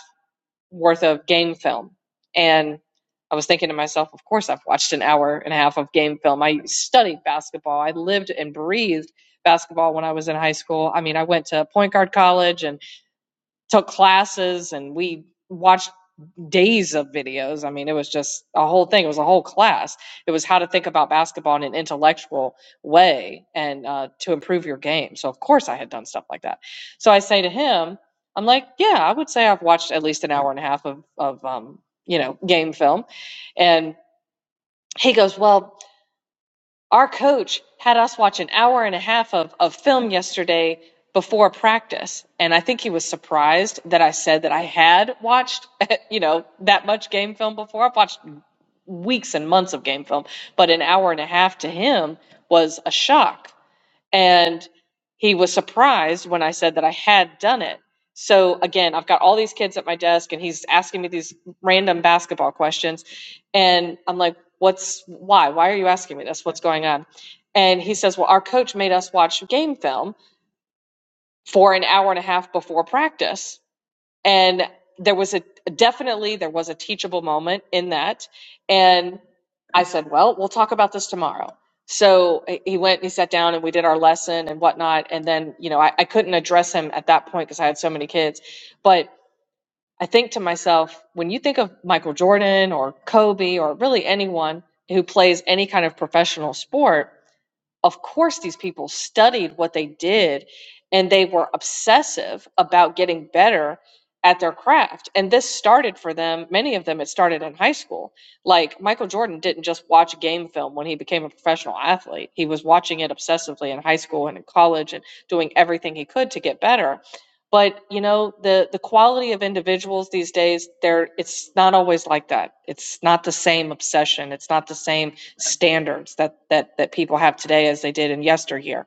worth of game film. And I was thinking to myself, of course, I've watched an hour and a half of game film. I studied basketball. I lived and breathed basketball when I was in high school. I mean, I went to point guard college and took classes, and we watched days of videos. I mean, it was just a whole thing. It was a whole class. It was how to think about basketball in an intellectual way and uh, to improve your game. So, of course, I had done stuff like that. So I say to him, I'm like, yeah, I would say I've watched at least an hour and a half of, of um, you know, game film. And he goes, well, our coach had us watch an hour and a half of, of film yesterday before practice. And I think he was surprised that I said that I had watched, you know, that much game film before. I've watched weeks and months of game film, but an hour and a half to him was a shock and he was surprised when I said that I had done it. So again, I've got all these kids at my desk and he's asking me these random basketball questions and I'm like, "What's why? Why are you asking me this? What's going on?" And he says, "Well, our coach made us watch game film for an hour and a half before practice." and there was a definitely there was a teachable moment in that and i said well we'll talk about this tomorrow so he he went and he sat down and we did our lesson and whatnot and then you know i, I couldn't address him at that point because i had so many kids but i think to myself when you think of michael jordan or kobe or really anyone who plays any kind of professional sport of course these people studied what they did and they were obsessive about getting better at their craft and this started for them many of them it started in high school like michael jordan didn't just watch game film when he became a professional athlete he was watching it obsessively in high school and in college and doing everything he could to get better but you know the the quality of individuals these days they're it's not always like that it's not the same obsession it's not the same standards that that that people have today as they did in yesteryear.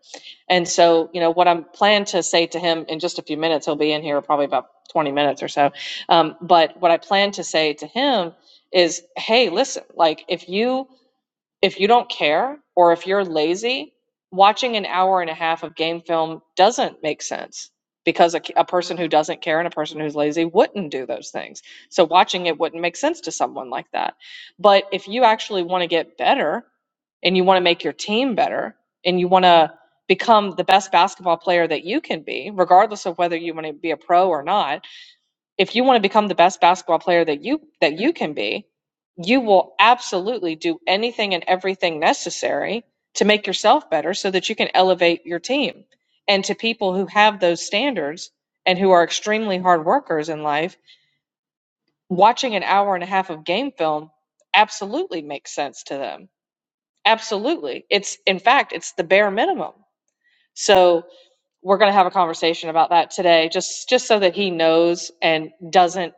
And so, you know, what I'm planning to say to him in just a few minutes, he'll be in here probably about 20 minutes or so. Um, but what I plan to say to him is, hey, listen, like if you if you don't care or if you're lazy, watching an hour and a half of game film doesn't make sense because a, a person who doesn't care and a person who's lazy wouldn't do those things. So watching it wouldn't make sense to someone like that. But if you actually want to get better and you want to make your team better and you want to become the best basketball player that you can be, regardless of whether you want to be a pro or not if you want to become the best basketball player that you that you can be you will absolutely do anything and everything necessary to make yourself better so that you can elevate your team and to people who have those standards and who are extremely hard workers in life watching an hour and a half of game film absolutely makes sense to them absolutely it's in fact it's the bare minimum so we're going to have a conversation about that today just just so that he knows and doesn't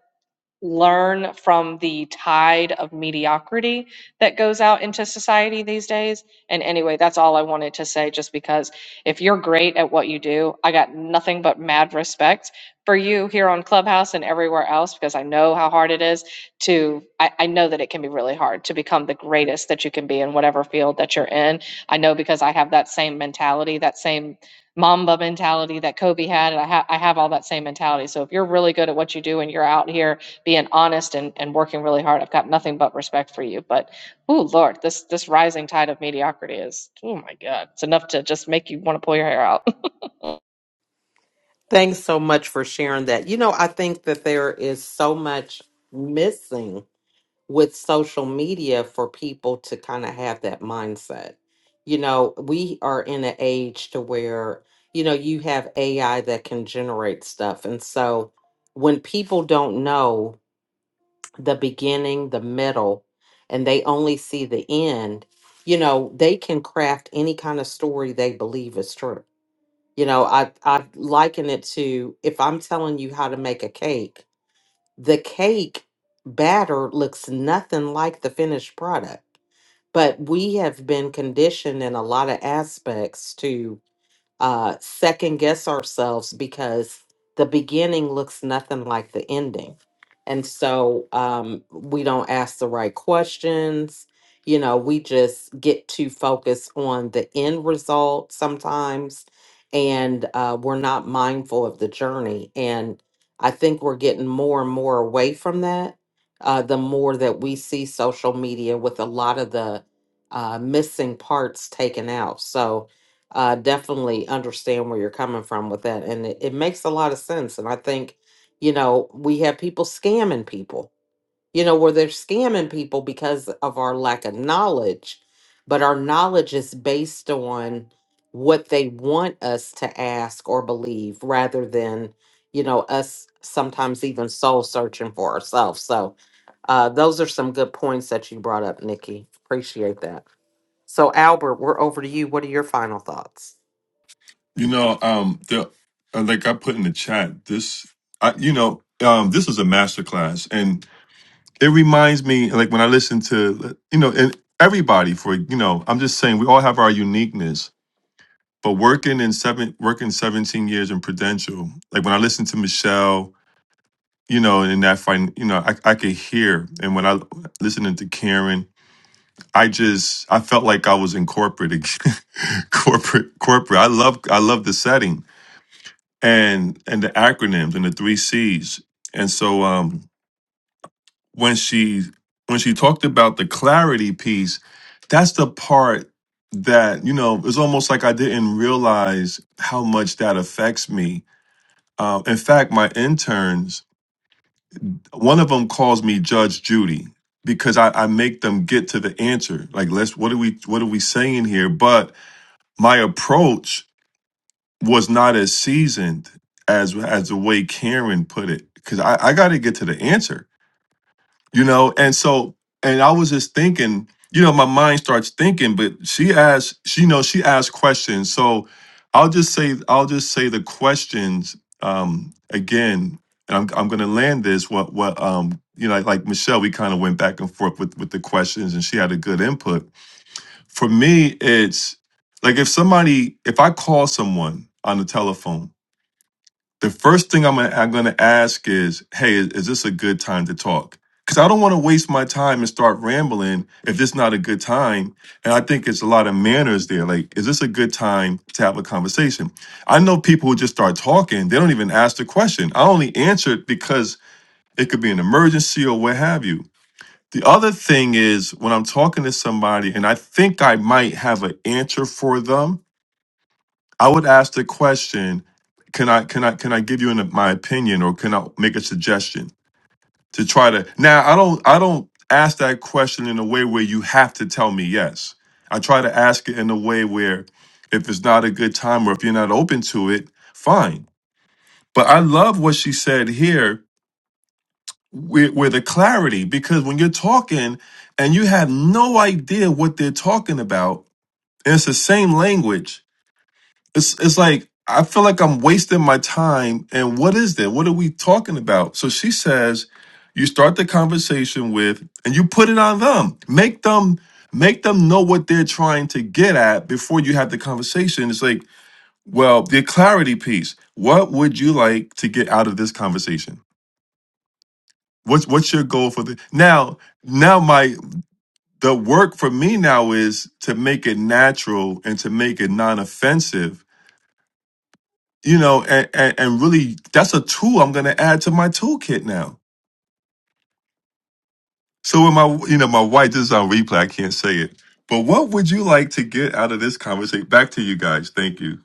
learn from the tide of mediocrity that goes out into society these days. And anyway, that's all I wanted to say, just because if you're great at what you do, I got nothing but mad respect for you here on Clubhouse and everywhere else, because I know how hard it is to, I, I know that it can be really hard to become the greatest that you can be in whatever field that you're in. I know because I have that same mentality, that same Mamba mentality that Kobe had, and I, ha- I have all that same mentality. So if you're really good at what you do and you're out here being honest and, and working really hard. I've got nothing but respect for you. But oh Lord, this this rising tide of mediocrity is oh my God. It's enough to just make you want to pull your hair out.
Thanks so much for sharing that. You know, I think that there is so much missing with social media for people to kind of have that mindset. You know, we are in an age to where, you know, you have AI that can generate stuff. And so when people don't know the beginning, the middle, and they only see the end, you know, they can craft any kind of story they believe is true. You know, I I liken it to if I'm telling you how to make a cake the cake batter looks nothing like the finished product. But we have been conditioned in a lot of aspects to uh, second guess ourselves because the beginning looks nothing like the ending. And so um, we don't ask the right questions. You know, we just get too focused on the end result sometimes, and uh, we're not mindful of the journey. And I think we're getting more and more away from that uh, the more that we see social media with a lot of the uh, missing parts taken out. So, uh, definitely understand where you're coming from with that. And it, it makes a lot of sense. And I think, you know, we have people scamming people, you know, where they're scamming people because of our lack of knowledge. But our knowledge is based on what they want us to ask or believe rather than, you know, us sometimes even soul searching for ourselves. So uh, those are some good points that you brought up, Nikki. Appreciate that. So, Albert, we're over to you. What are your final thoughts?
You know, um, the, uh, like I put in the chat, this, I, you know, um, this is a masterclass, and it reminds me, like when I listen to, you know, and everybody for, you know, I'm just saying we all have our uniqueness. But working in seven, working 17 years in Prudential, like when I listen to Michelle, you know, and that, fin- you know, I, I could hear, and when I listening to Karen, I just I felt like I was in corporate again. corporate corporate. I love I love the setting and and the acronyms and the three C's. And so um when she when she talked about the clarity piece, that's the part that, you know, it's almost like I didn't realize how much that affects me. Uh, in fact, my interns, one of them calls me Judge Judy because I, I make them get to the answer. Like, let's what are we what are we saying here? But my approach was not as seasoned as as the way Karen put it because I, I got to get to the answer, you know. And so, and I was just thinking, you know, my mind starts thinking, but she asked, she knows she asked questions, so I'll just say, I'll just say the questions um, again, and I'm I'm gonna land this. What what um you know like, like Michelle, we kind of went back and forth with with the questions, and she had a good input for me, it's like if somebody, if I call someone on the telephone, the first thing I'm gonna, I'm gonna ask is, "Hey, is, is this a good time to talk?" Because I don't want to waste my time and start rambling if it's not a good time. And I think it's a lot of manners there. Like, is this a good time to have a conversation? I know people who just start talking; they don't even ask the question. I only answered because it could be an emergency or what have you. The other thing is when I'm talking to somebody and I think I might have an answer for them, I would ask the question, can I can I can I give you an, my opinion or can I make a suggestion to try to Now, I don't I don't ask that question in a way where you have to tell me yes. I try to ask it in a way where if it's not a good time or if you're not open to it, fine. But I love what she said here with, with a clarity because when you're talking and you have no idea what they're talking about, and it's the same language, it's it's like I feel like I'm wasting my time. And what is that? What are we talking about? So she says, you start the conversation with, and you put it on them. Make them make them know what they're trying to get at before you have the conversation. It's like, well, the clarity piece. What would you like to get out of this conversation? What's what's your goal for the now? Now my the work for me now is to make it natural and to make it non-offensive, you know, and and, and really that's a tool I'm gonna add to my toolkit now. So when my you know my wife this is on replay, I can't say it. But what would you like to get out of this conversation? Back to you guys. Thank you.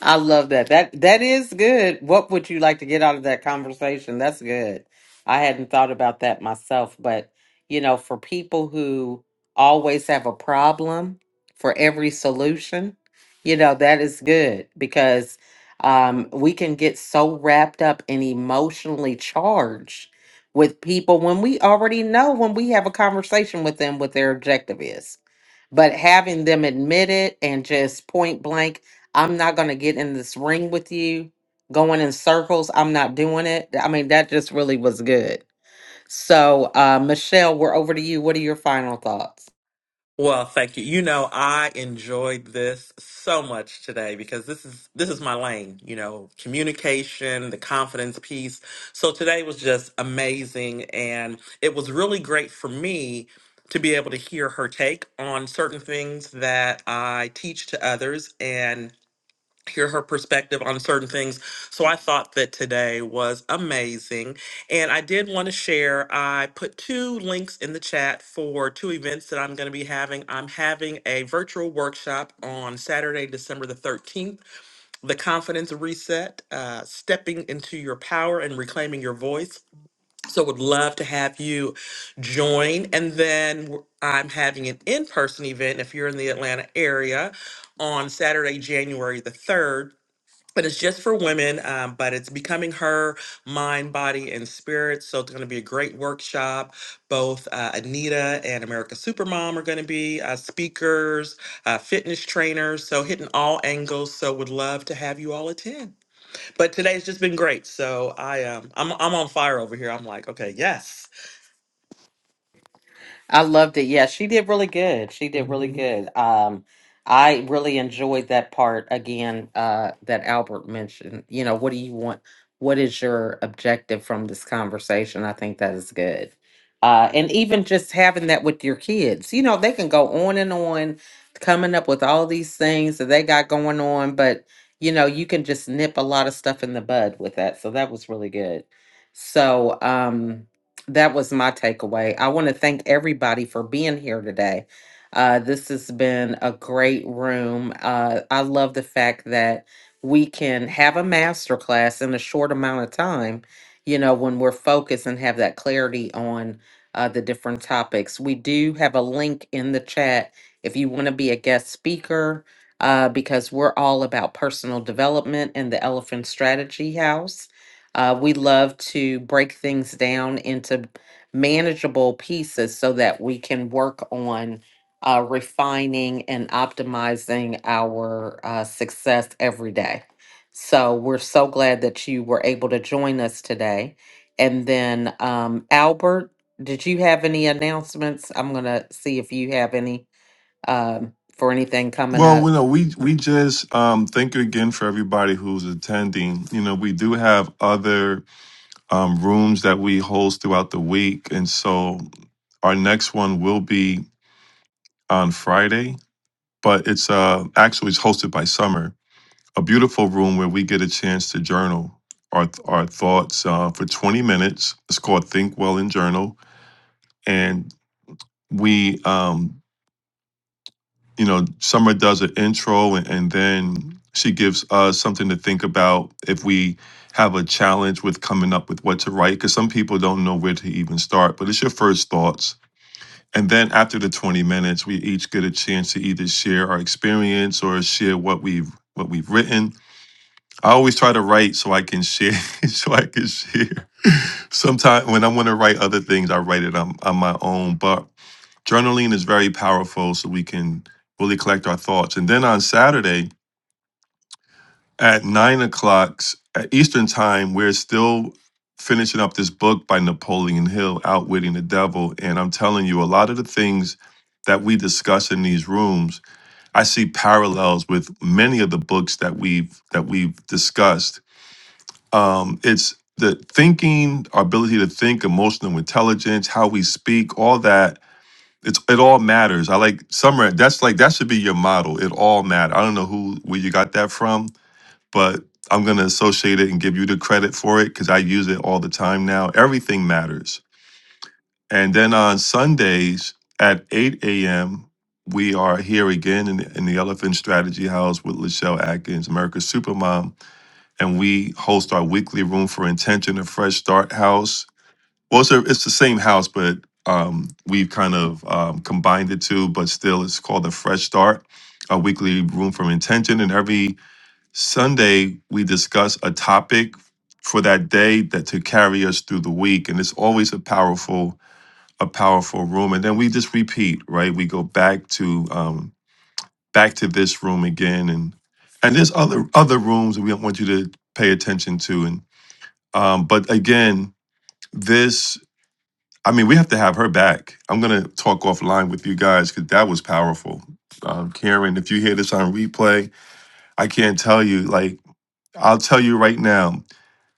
I love that. That that is good. What would you like to get out of that conversation? That's good. I hadn't thought about that myself, but you know, for people who always have a problem for every solution, you know, that is good because um we can get so wrapped up and emotionally charged with people when we already know when we have a conversation with them what their objective is but having them admit it and just point blank, I'm not going to get in this ring with you, going in circles. I'm not doing it. I mean, that just really was good. So, uh, Michelle, we're over to you. What are your final thoughts?
Well, thank you. You know, I enjoyed this so much today because this is this is my lane, you know, communication, the confidence piece. So today was just amazing and it was really great for me to be able to hear her take on certain things that I teach to others and hear her perspective on certain things. So I thought that today was amazing. And I did want to share, I put two links in the chat for two events that I'm going to be having. I'm having a virtual workshop on Saturday, December the 13th, The Confidence Reset, uh, Stepping into Your Power and Reclaiming Your Voice. So would love to have you join. And then w- I'm having an in-person event if you're in the Atlanta area on Saturday, January the 3rd but it's just for women um, but it's becoming her mind body and spirit so it's going to be a great workshop both uh, anita and america supermom are going to be uh, speakers uh, fitness trainers so hitting all angles so would love to have you all attend but today's just been great so i um, I'm, I'm on fire over here i'm like okay yes
I loved it. Yeah, she did really good. She did really
Mhm.
good. Um, I really enjoyed that part again uh, that Albert mentioned. You know, what do you want? What is your objective from this conversation? I think that is good. Uh, and even just having that with your kids, you know, they can go on and on, coming up with all these things that they got going on, but you know, you can just nip a lot of stuff in the bud with that. So that was really good. So, um, that was my takeaway. I want to thank everybody for being here today. Uh, this has been a great room. Uh, I love the fact that we can have a masterclass in a short amount of time, you know, when we're focused and have that clarity on uh, the different topics. We do have a link in the chat if you want to be a guest speaker, uh, because we're all about personal development in the Elephant Strategy House. Uh, we love to break things down into manageable pieces so that we can work on uh, refining and optimizing our uh, success every day. So we're so glad that you were able to join us today. And then, um, Albert, did you have any announcements? I'm going to see if you have any um, for anything coming
Well,
up.
you know, we we just um, thank you again for everybody who's attending. You know, we do have other um, rooms that we host throughout the week. And so our next one will be on Friday, but it's uh, actually it's hosted by Summer, a beautiful room where we get a chance to journal our, our thoughts uh, for 20 minutes. It's called Think Well and Journal. And we, um, you know, Summer does an intro and, and then she gives us something to think about if we have a challenge with coming up with what to write because some people don't know where to even start but it's your first thoughts And then after the 20 minutes, we each get a chance to either share our experience or share what we've what we've written. I always try to write so I can share, so I can share. Sometimes when I want to write other things, I write it on, on my own. But journaling is very powerful so we can really collect our thoughts. And then on Saturday, at nine o'clock s- at Eastern time, we're still finishing up this book by Napoleon Hill, Outwitting the Devil. And I'm telling you, a lot of the things that we discuss in these rooms, I see parallels with many of the books that we've that we've discussed. Um, it's the thinking, our ability to think, emotional intelligence, how we speak, all that. It's it all matters. I like Summer. That's like that should be your model. It all matters. I don't know who where you got that from but I'm going to associate it and give you the credit for it because I use it all the time now. Everything matters. And then on Sundays at 8 a.m., we are here again in, in the Elephant Strategy House with Lachelle Atkins, America's Supermom, and we host our weekly Room for Intention, a Fresh Start House. Well, it's, a, it's the same house, but um, we've kind of um, combined the two, but still it's called the Fresh Start, a weekly Room for Intention, and every Sunday, we discuss a topic for that day that to carry us through the week. And it's always a powerful, a powerful room. And then we just repeat, right? We go back to um back to this room again and and there's other other rooms that we want you to pay attention to. And um, but again, this I mean, we have to have her back. I'm gonna talk offline with you guys because that was powerful. Um, Karen, if you hear this on replay, I can't tell you like I'll tell you right now.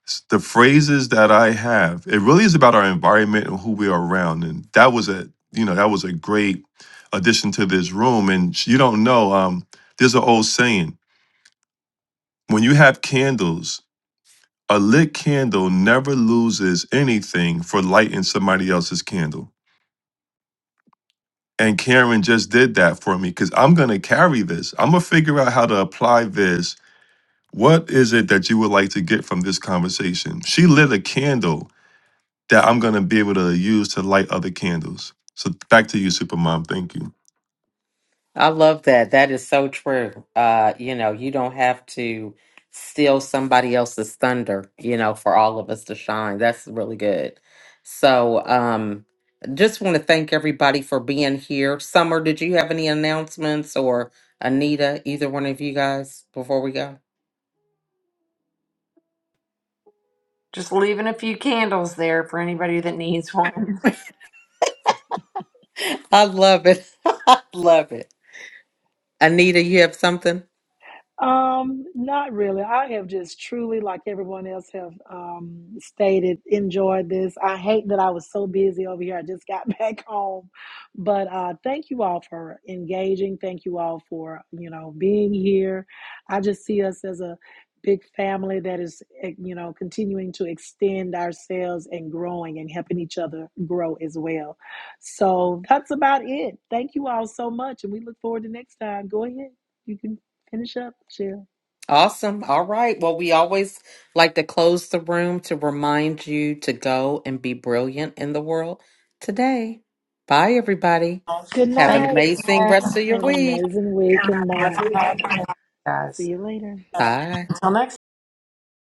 s- the phrases that I have, it really is about our environment and who we are around. And that was a, you know, that was a great addition to this room. And sh- you don't know, um, there's an old saying when you have candles, a lit candle never loses anything for lighting somebody else's candle. And Karen just did that for me because I'm going to carry this. I'm going to figure out how to apply this. What is it that you would like to get from this conversation? She lit a candle that I'm going to be able to use to light other candles. So back to you, Supermom. Thank you.
I love that. That is so true. Uh, you know, you don't have to steal somebody else's thunder, you know, for all of us to shine. That's really good. So, um, just want to thank everybody for being here. Summer, did you have any announcements or Anita, either one of you guys before we go?
Just leaving a few candles there for anybody that needs one.
I love it. I love it. Anita, you have something?
Um, not really. I have just truly, like everyone else, have um, stated, enjoyed this. I hate that I was so busy over here. I just got back home, but uh, thank you all for engaging. Thank you all for you know being here. I just see us as a big family that is eh, you know continuing to extend ourselves and growing and helping each other grow as well. So that's about it. Thank you all so much, and we look forward to next time. Go ahead. You can. Finish up, chill.
Awesome. All right. Well, we always like to close the room to remind you to go and be brilliant in the world today. Bye, everybody.
Good
Have an
Thank
night.
you,
amazing rest of your
Have an
week.
amazing week and month. See
guys.
you later.
Bye.
Until next